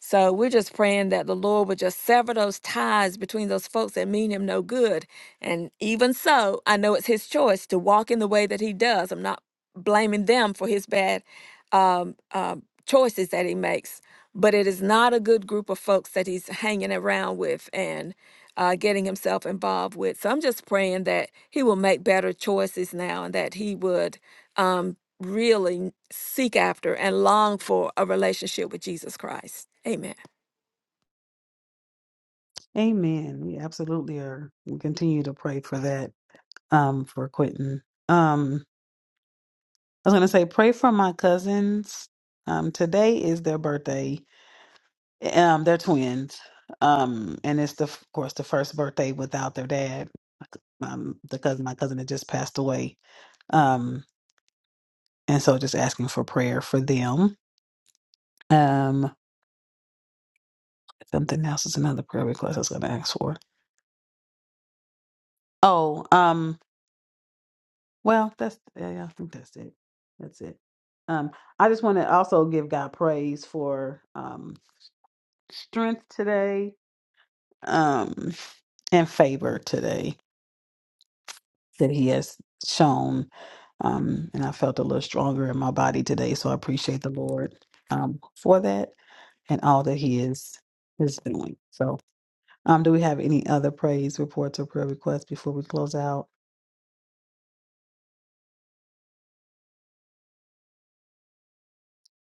S2: So we're just praying that the Lord would just sever those ties between those folks that mean him no good. And even so, I know it's his choice to walk in the way that he does. I'm not blaming them for his bad um, um, choices that he makes, but it is not a good group of folks that he's hanging around with and uh, getting himself involved with. So I'm just praying that he will make better choices now and that he would. um, really seek after and long for a relationship with Jesus Christ. Amen.
S1: Amen. We absolutely are. We continue to pray for that um, for Quentin. Um. I was gonna say, pray for my cousins. Um, today is their birthday. Um, they're twins. Um, and it's the, of course the first birthday without their dad. Um, the cousin, my cousin, had just passed away. Um, and so just asking for prayer for them. Um, something else is another prayer request I was gonna ask for. Oh, um, well, that's yeah, yeah, I think that's it. That's it. Um, I just want to also give God praise for um strength today. Um, and favor today that he has shown. Um, and I felt a little stronger in my body today. So I appreciate the Lord um, for that and all that he is is doing. So um do we have any other praise reports or prayer requests before we close out?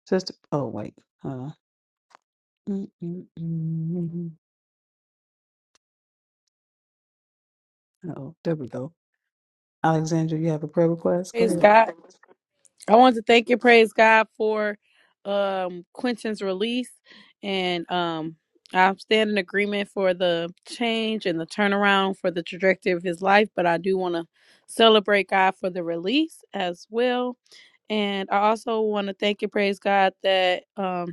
S1: Sister oh wait. Uh mm, mm, mm, mm. oh, there we go. Alexandra, you have a prayer request? Go
S4: Praise
S1: ahead.
S4: God. I want to thank you, praise God, for um Quentin's release. And um I stand in agreement for the change and the turnaround for the trajectory of his life, but I do want to celebrate God for the release as well. And I also want to thank you, praise God, that um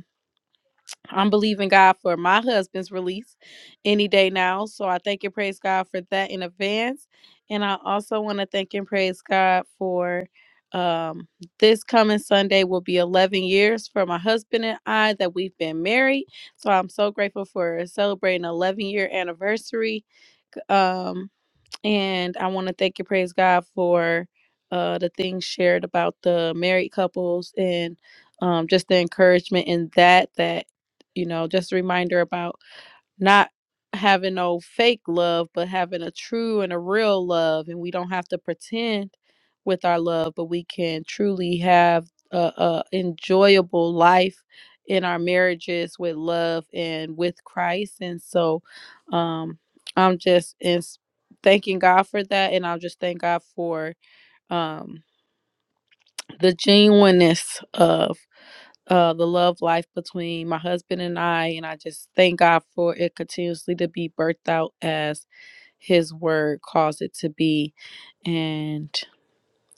S4: I'm believing God for my husband's release any day now. So I thank and praise God for that in advance. And I also want to thank and praise God for um, this coming Sunday will be 11 years for my husband and I that we've been married. So I'm so grateful for celebrating 11 year anniversary. Um, and I want to thank and praise God for uh, the things shared about the married couples and um, just the encouragement in that, that, you know, just a reminder about not having no fake love, but having a true and a real love. And we don't have to pretend with our love, but we can truly have a, a enjoyable life in our marriages with love and with Christ. And so um I'm just ins- thanking God for that. And I'll just thank God for um the genuineness of uh, the love life between my husband and I. And I just thank God for it continuously to be birthed out as His word calls it to be. And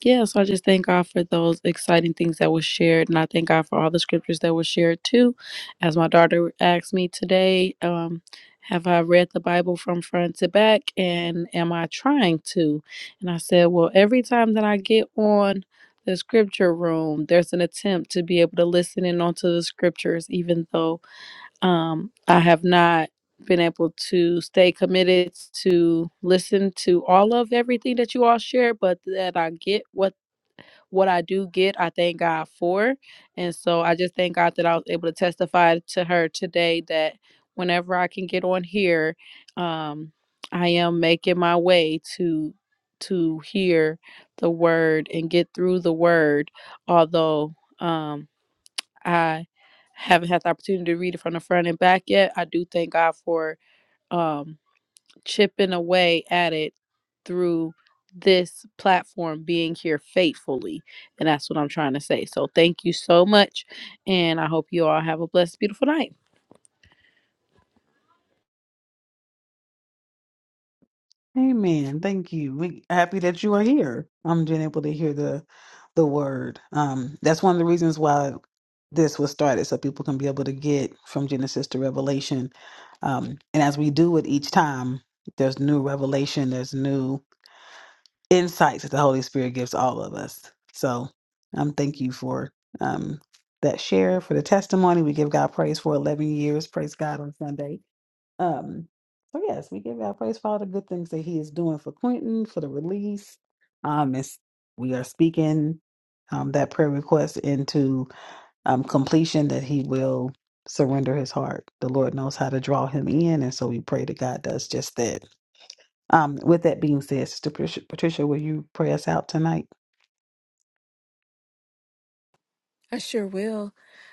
S4: yeah, so I just thank God for those exciting things that were shared, and I thank God for all the scriptures that were shared too. As my daughter asked me today, um, have I read the Bible from front to back, and am I trying to? And I said, well, every time that I get on the scripture room, there's an attempt to be able to listen in onto the scriptures, even though um, I have not been able to stay committed to listen to all of everything that you all share, but that I get what what I do get, I thank God for. And so I just thank God that I was able to testify to her today that whenever I can get on here, um, I am making my way to to hear the word and get through the word, although um I haven't had the opportunity to read it from the front and back yet. I do thank God for um chipping away at it through this platform being here faithfully. And that's what I'm trying to say. So thank you so much. And I hope you all have a blessed, beautiful night.
S1: Amen. Thank you. We happy that you are here. I'm being able to hear the the word. Um, that's one of the reasons why this was started, so people can be able to get from Genesis to Revelation. Um, and as we do it each time, there's new revelation, there's new insights that the Holy Spirit gives all of us. So, um, thank you for um that share for the testimony. We give God praise for 11 years. Praise God on Sunday. Um, so yes, we give God praise for all the good things that He is doing for Quentin for the release. Um, it's, we are speaking um, that prayer request into um, completion that He will surrender His heart. The Lord knows how to draw Him in, and so we pray that God does just that. Um, with that being said, Sister Patricia, Patricia, will you pray us out tonight?
S2: I sure will.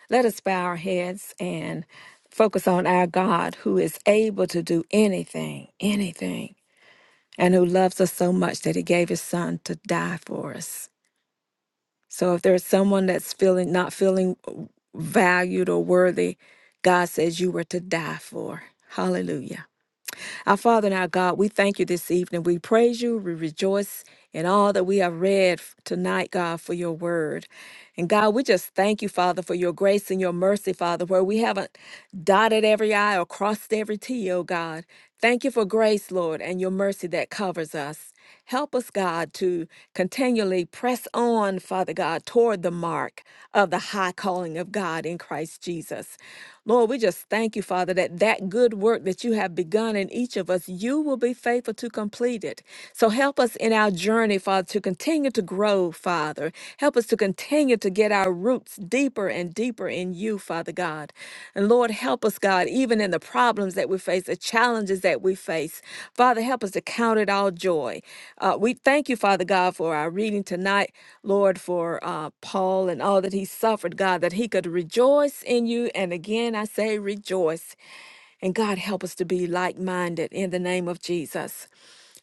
S2: Let us bow our heads and focus on our God who is able to do anything, anything, and who loves us so much that he gave his son to die for us. So if there's someone that's feeling not feeling valued or worthy, God says you were to die for. Hallelujah. Our Father and our God, we thank you this evening. We praise you. We rejoice in all that we have read f- tonight, God, for your word. And God, we just thank you, Father, for your grace and your mercy, Father, where we haven't dotted every I or crossed every T, oh God. Thank you for grace, Lord, and your mercy that covers us. Help us, God, to continually press on, Father God, toward the mark of the high calling of God in Christ Jesus. Lord, we just thank you, Father, that that good work that you have begun in each of us, you will be faithful to complete it. So help us in our journey, Father, to continue to grow, Father. Help us to continue to get Get our roots deeper and deeper in you, Father God. And Lord, help us, God, even in the problems that we face, the challenges that we face. Father, help us to count it all joy. Uh, we thank you, Father God, for our reading tonight, Lord, for uh, Paul and all that he suffered, God, that he could rejoice in you. And again, I say rejoice. And God, help us to be like minded in the name of Jesus.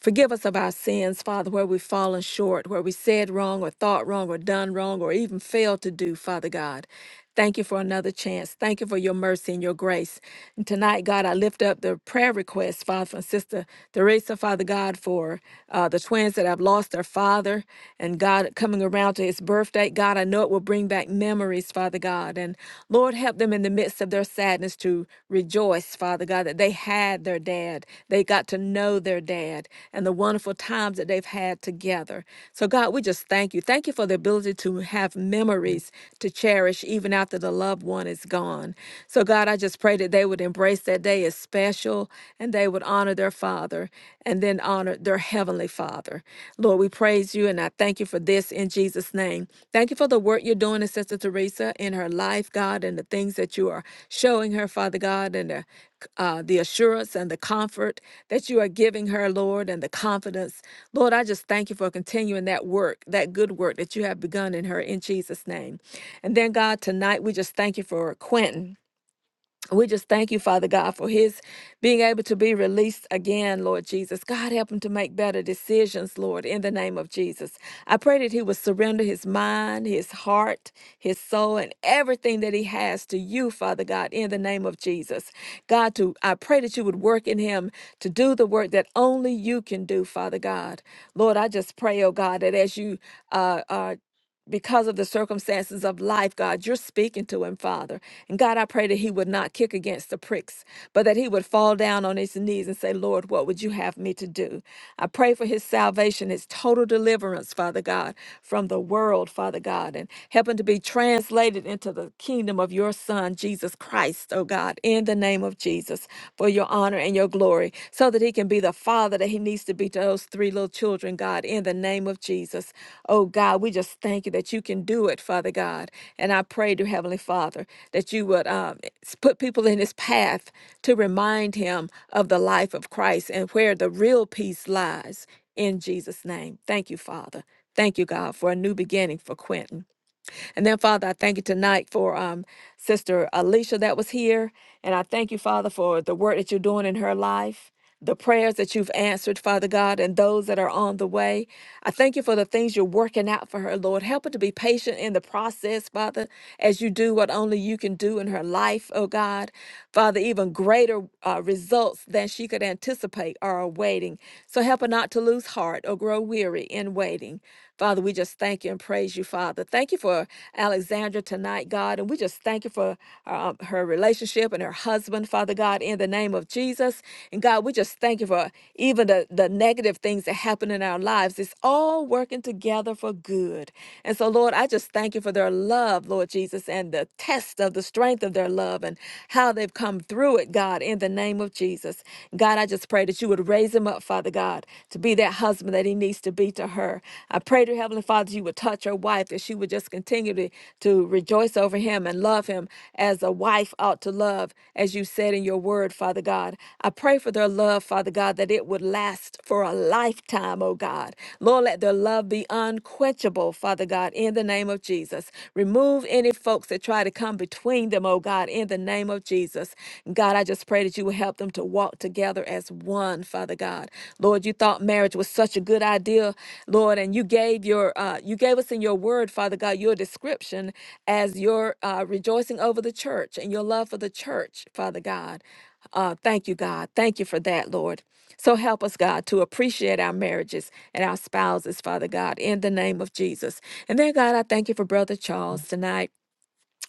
S2: Forgive us of our sins, Father, where we've fallen short, where we said wrong or thought wrong or done wrong or even failed to do, Father God. Thank you for another chance. Thank you for your mercy and your grace. And tonight, God, I lift up the prayer request, Father, from Sister Teresa, Father God, for uh, the twins that have lost their father. And God, coming around to his birthday, God, I know it will bring back memories, Father God. And Lord, help them in the midst of their sadness to rejoice, Father God, that they had their dad. They got to know their dad and the wonderful times that they've had together. So, God, we just thank you. Thank you for the ability to have memories to cherish even after the loved one is gone. So, God, I just pray that they would embrace that day as special and they would honor their father and then honor their heavenly father. Father. Lord, we praise you and I thank you for this in Jesus' name. Thank you for the work you're doing in Sister Teresa in her life, God, and the things that you are showing her, Father God, and the uh, the assurance and the comfort that you are giving her, Lord, and the confidence. Lord, I just thank you for continuing that work, that good work that you have begun in her in Jesus' name. And then, God, tonight we just thank you for Quentin. We just thank you, Father God, for his being able to be released again, Lord Jesus. God, help him to make better decisions, Lord, in the name of Jesus. I pray that he will surrender his mind, his heart, his soul, and everything that he has to you, Father God, in the name of Jesus. God, to I pray that you would work in him to do the work that only you can do, Father God. Lord, I just pray, oh God, that as you uh, uh because of the circumstances of life, God, you're speaking to him, Father. And God, I pray that he would not kick against the pricks, but that he would fall down on his knees and say, Lord, what would you have me to do? I pray for his salvation, his total deliverance, Father God, from the world, Father God, and help him to be translated into the kingdom of your Son, Jesus Christ, oh God, in the name of Jesus. Jesus, for your honor and your glory, so that he can be the father that he needs to be to those three little children, God, in the name of Jesus. Oh, God, we just thank you that you can do it, Father God. And I pray to Heavenly Father that you would um, s- put people in his path to remind him of the life of Christ and where the real peace lies in Jesus' name. Thank you, Father. Thank you, God, for a new beginning for Quentin. And then, Father, I thank you tonight for um, Sister Alicia that was here. And I thank you, Father, for the work that you're doing in her life. The prayers that you've answered, Father God, and those that are on the way. I thank you for the things you're working out for her, Lord. Help her to be patient in the process, Father, as you do what only you can do in her life, oh God. Father, even greater uh, results than she could anticipate are awaiting. So help her not to lose heart or grow weary in waiting. Father, we just thank you and praise you, Father. Thank you for Alexandra tonight, God. And we just thank you for uh, her relationship and her husband, Father God, in the name of Jesus. And God, we just thank you for even the, the negative things that happen in our lives. It's all working together for good. And so, Lord, I just thank you for their love, Lord Jesus, and the test of the strength of their love love and how they've come through it, God, in the name of Jesus. God, I just pray that you would raise him up, Father God, to be that husband that he needs to be to her. I pray to Heavenly Father you would touch her wife, that she would just continue to, to rejoice over him and love him as a wife ought to love, as you said in your word, Father God. I pray for their love, Father God, that it would last for a lifetime, oh God. Lord, let their love be unquenchable, Father God, in the name of Jesus. Remove any folks that try to come come between them, oh God, in the name of Jesus. God, I just pray that you will help them to walk together as one, Father God. Lord, you thought marriage was such a good idea, Lord, and you gave your uh, you gave us in your word, Father God, your description as your uh, rejoicing over the church and your love for the church, Father God. Uh, thank you, God. Thank you for that, Lord. So help us, God, to appreciate our marriages and our spouses, Father God, in the name of Jesus. And then, God, I thank you for Brother Charles tonight.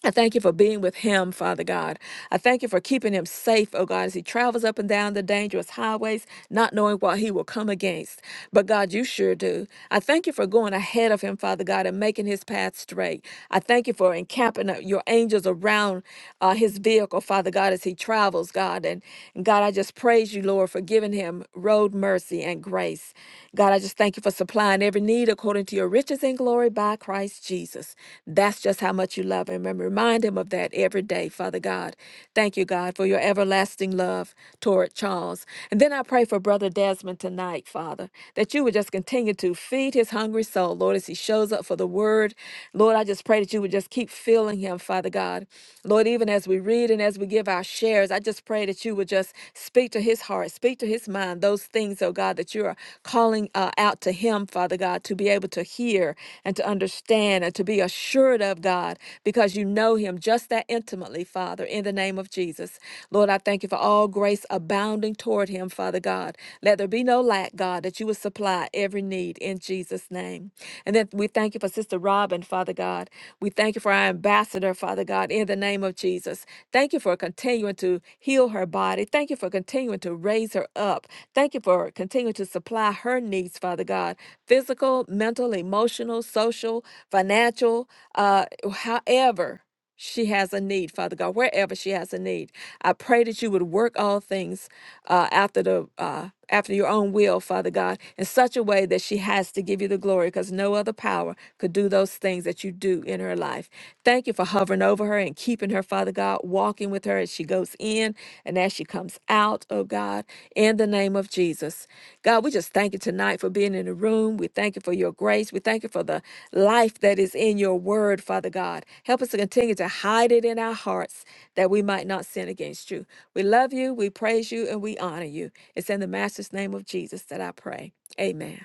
S2: I thank you for being with him, Father God. I thank you for keeping him safe, oh God, as he travels up and down the dangerous highways, not knowing what he will come against. But God, you sure do. I thank you for going ahead of him, Father God, and making his path straight. I thank you for encamping uh, your angels around uh, his vehicle, Father God, as he travels, God. And, and God, I just praise you, Lord, for giving him road mercy and grace. God, I just thank you for supplying every need according to to your riches and glory by Christ Jesus. That's just how much you love him. And remind him of that every day, Father God. Thank you, God, for your everlasting love toward Charles. And then I pray for Brother Desmond tonight, Father, that you would just continue to feed his hungry soul, Lord, as he shows up for the word. Lord, I just pray that you would just keep filling him, Father God. Lord, even as we read and as we give our shares, I just pray that you would just speak to his heart, speak to his mind, those those things, oh God, that you are calling uh, out to him, Father God, to be able to hear and to understand and to be assured of, God, because you know him just that intimately, Father, in the name of Jesus. Lord, I thank you for all grace abounding toward him, Father God. Let there be no lack, God, that you will supply every need in Jesus' name. And then we thank you for Sister Robin, Father God. We thank you for our ambassador, Father God, in the name of Jesus. Thank you for for continuing to heal her body. Thank you for continuing to raise her up. Thank you for continuing to supply her needs, Father God physical, mental, emotional, social, financial, uh, however. She has a need, Father God, wherever she has a need. I pray that you would work all things uh, after the uh, after your own will, Father God, in such a way that she has to give you the glory, because no other power could do those things that you do in her life. Thank you for hovering over her and keeping her, Father God, walking with her as she goes in and as she comes out, oh God, in the name of Jesus. God, we just thank you tonight for being in the room. We thank you for your grace. We thank you for the life that is in your word, Father God. Help us to continue to hide it in our hearts that we might not sin against you. We love you, we praise you, and we honor you. It's in the Master's name of Jesus that I pray. Amen.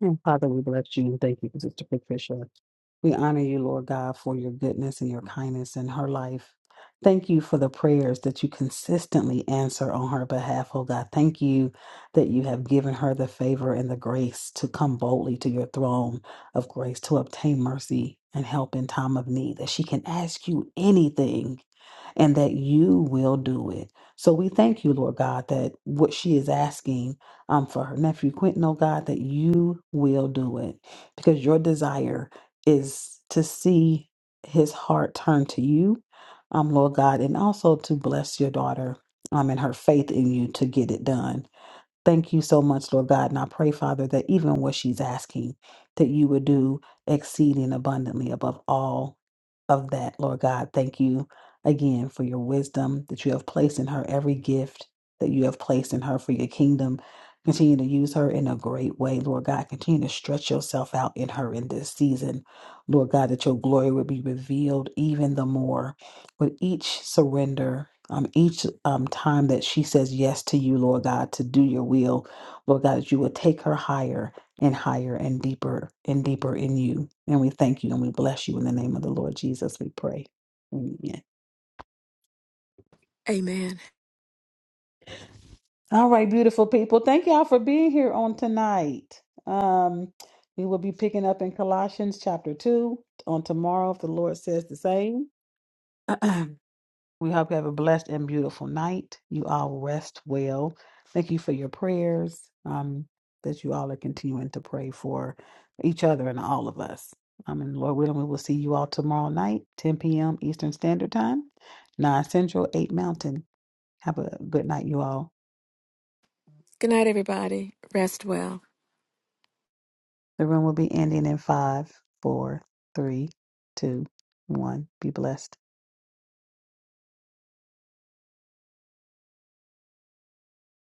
S1: And Father, we bless you and thank you, for Sister Patricia. We honor you, Lord God, for your goodness and your kindness in her life. Thank you for the prayers that you consistently answer on her behalf, oh God. Thank you that you have given her the favor and the grace to come boldly to your throne of grace to obtain mercy and help in time of need, that she can ask you anything and that you will do it. So we thank you, Lord God, that what she is asking um, for her nephew Quentin, oh God, that you will do it because your desire is to see his heart turn to you, um, Lord God, and also to bless your daughter um, and her faith in you to get it done. Thank you so much, Lord God. And I pray, Father, that even what she's asking, that you would do exceeding abundantly above all of that, Lord God. Thank you again for your wisdom that you have placed in her, every gift that you have placed in her for your kingdom. Continue to use her in a great way, Lord God. Continue to stretch yourself out in her in this season, Lord God, that your glory would be revealed even the more with each surrender, um, each um, time that she says yes to you, Lord God, to do your will, Lord God, that you will take her higher and higher and deeper and deeper in you. And we thank you and we bless you in the name of the Lord Jesus, we pray. Amen.
S2: Amen.
S1: All right, beautiful people. Thank y'all for being here on tonight. Um, we will be picking up in Colossians chapter 2 on tomorrow if the Lord says the same. <clears throat> We hope you have a blessed and beautiful night. You all rest well. Thank you for your prayers um, that you all are continuing to pray for each other and all of us. Um, and Lord willing, we will see you all tomorrow night, 10 p.m. Eastern Standard Time, 9 Central, 8 Mountain. Have a good night, you all.
S2: Good night, everybody. Rest well.
S1: The room will be ending in five, four, three, two, one. Be blessed.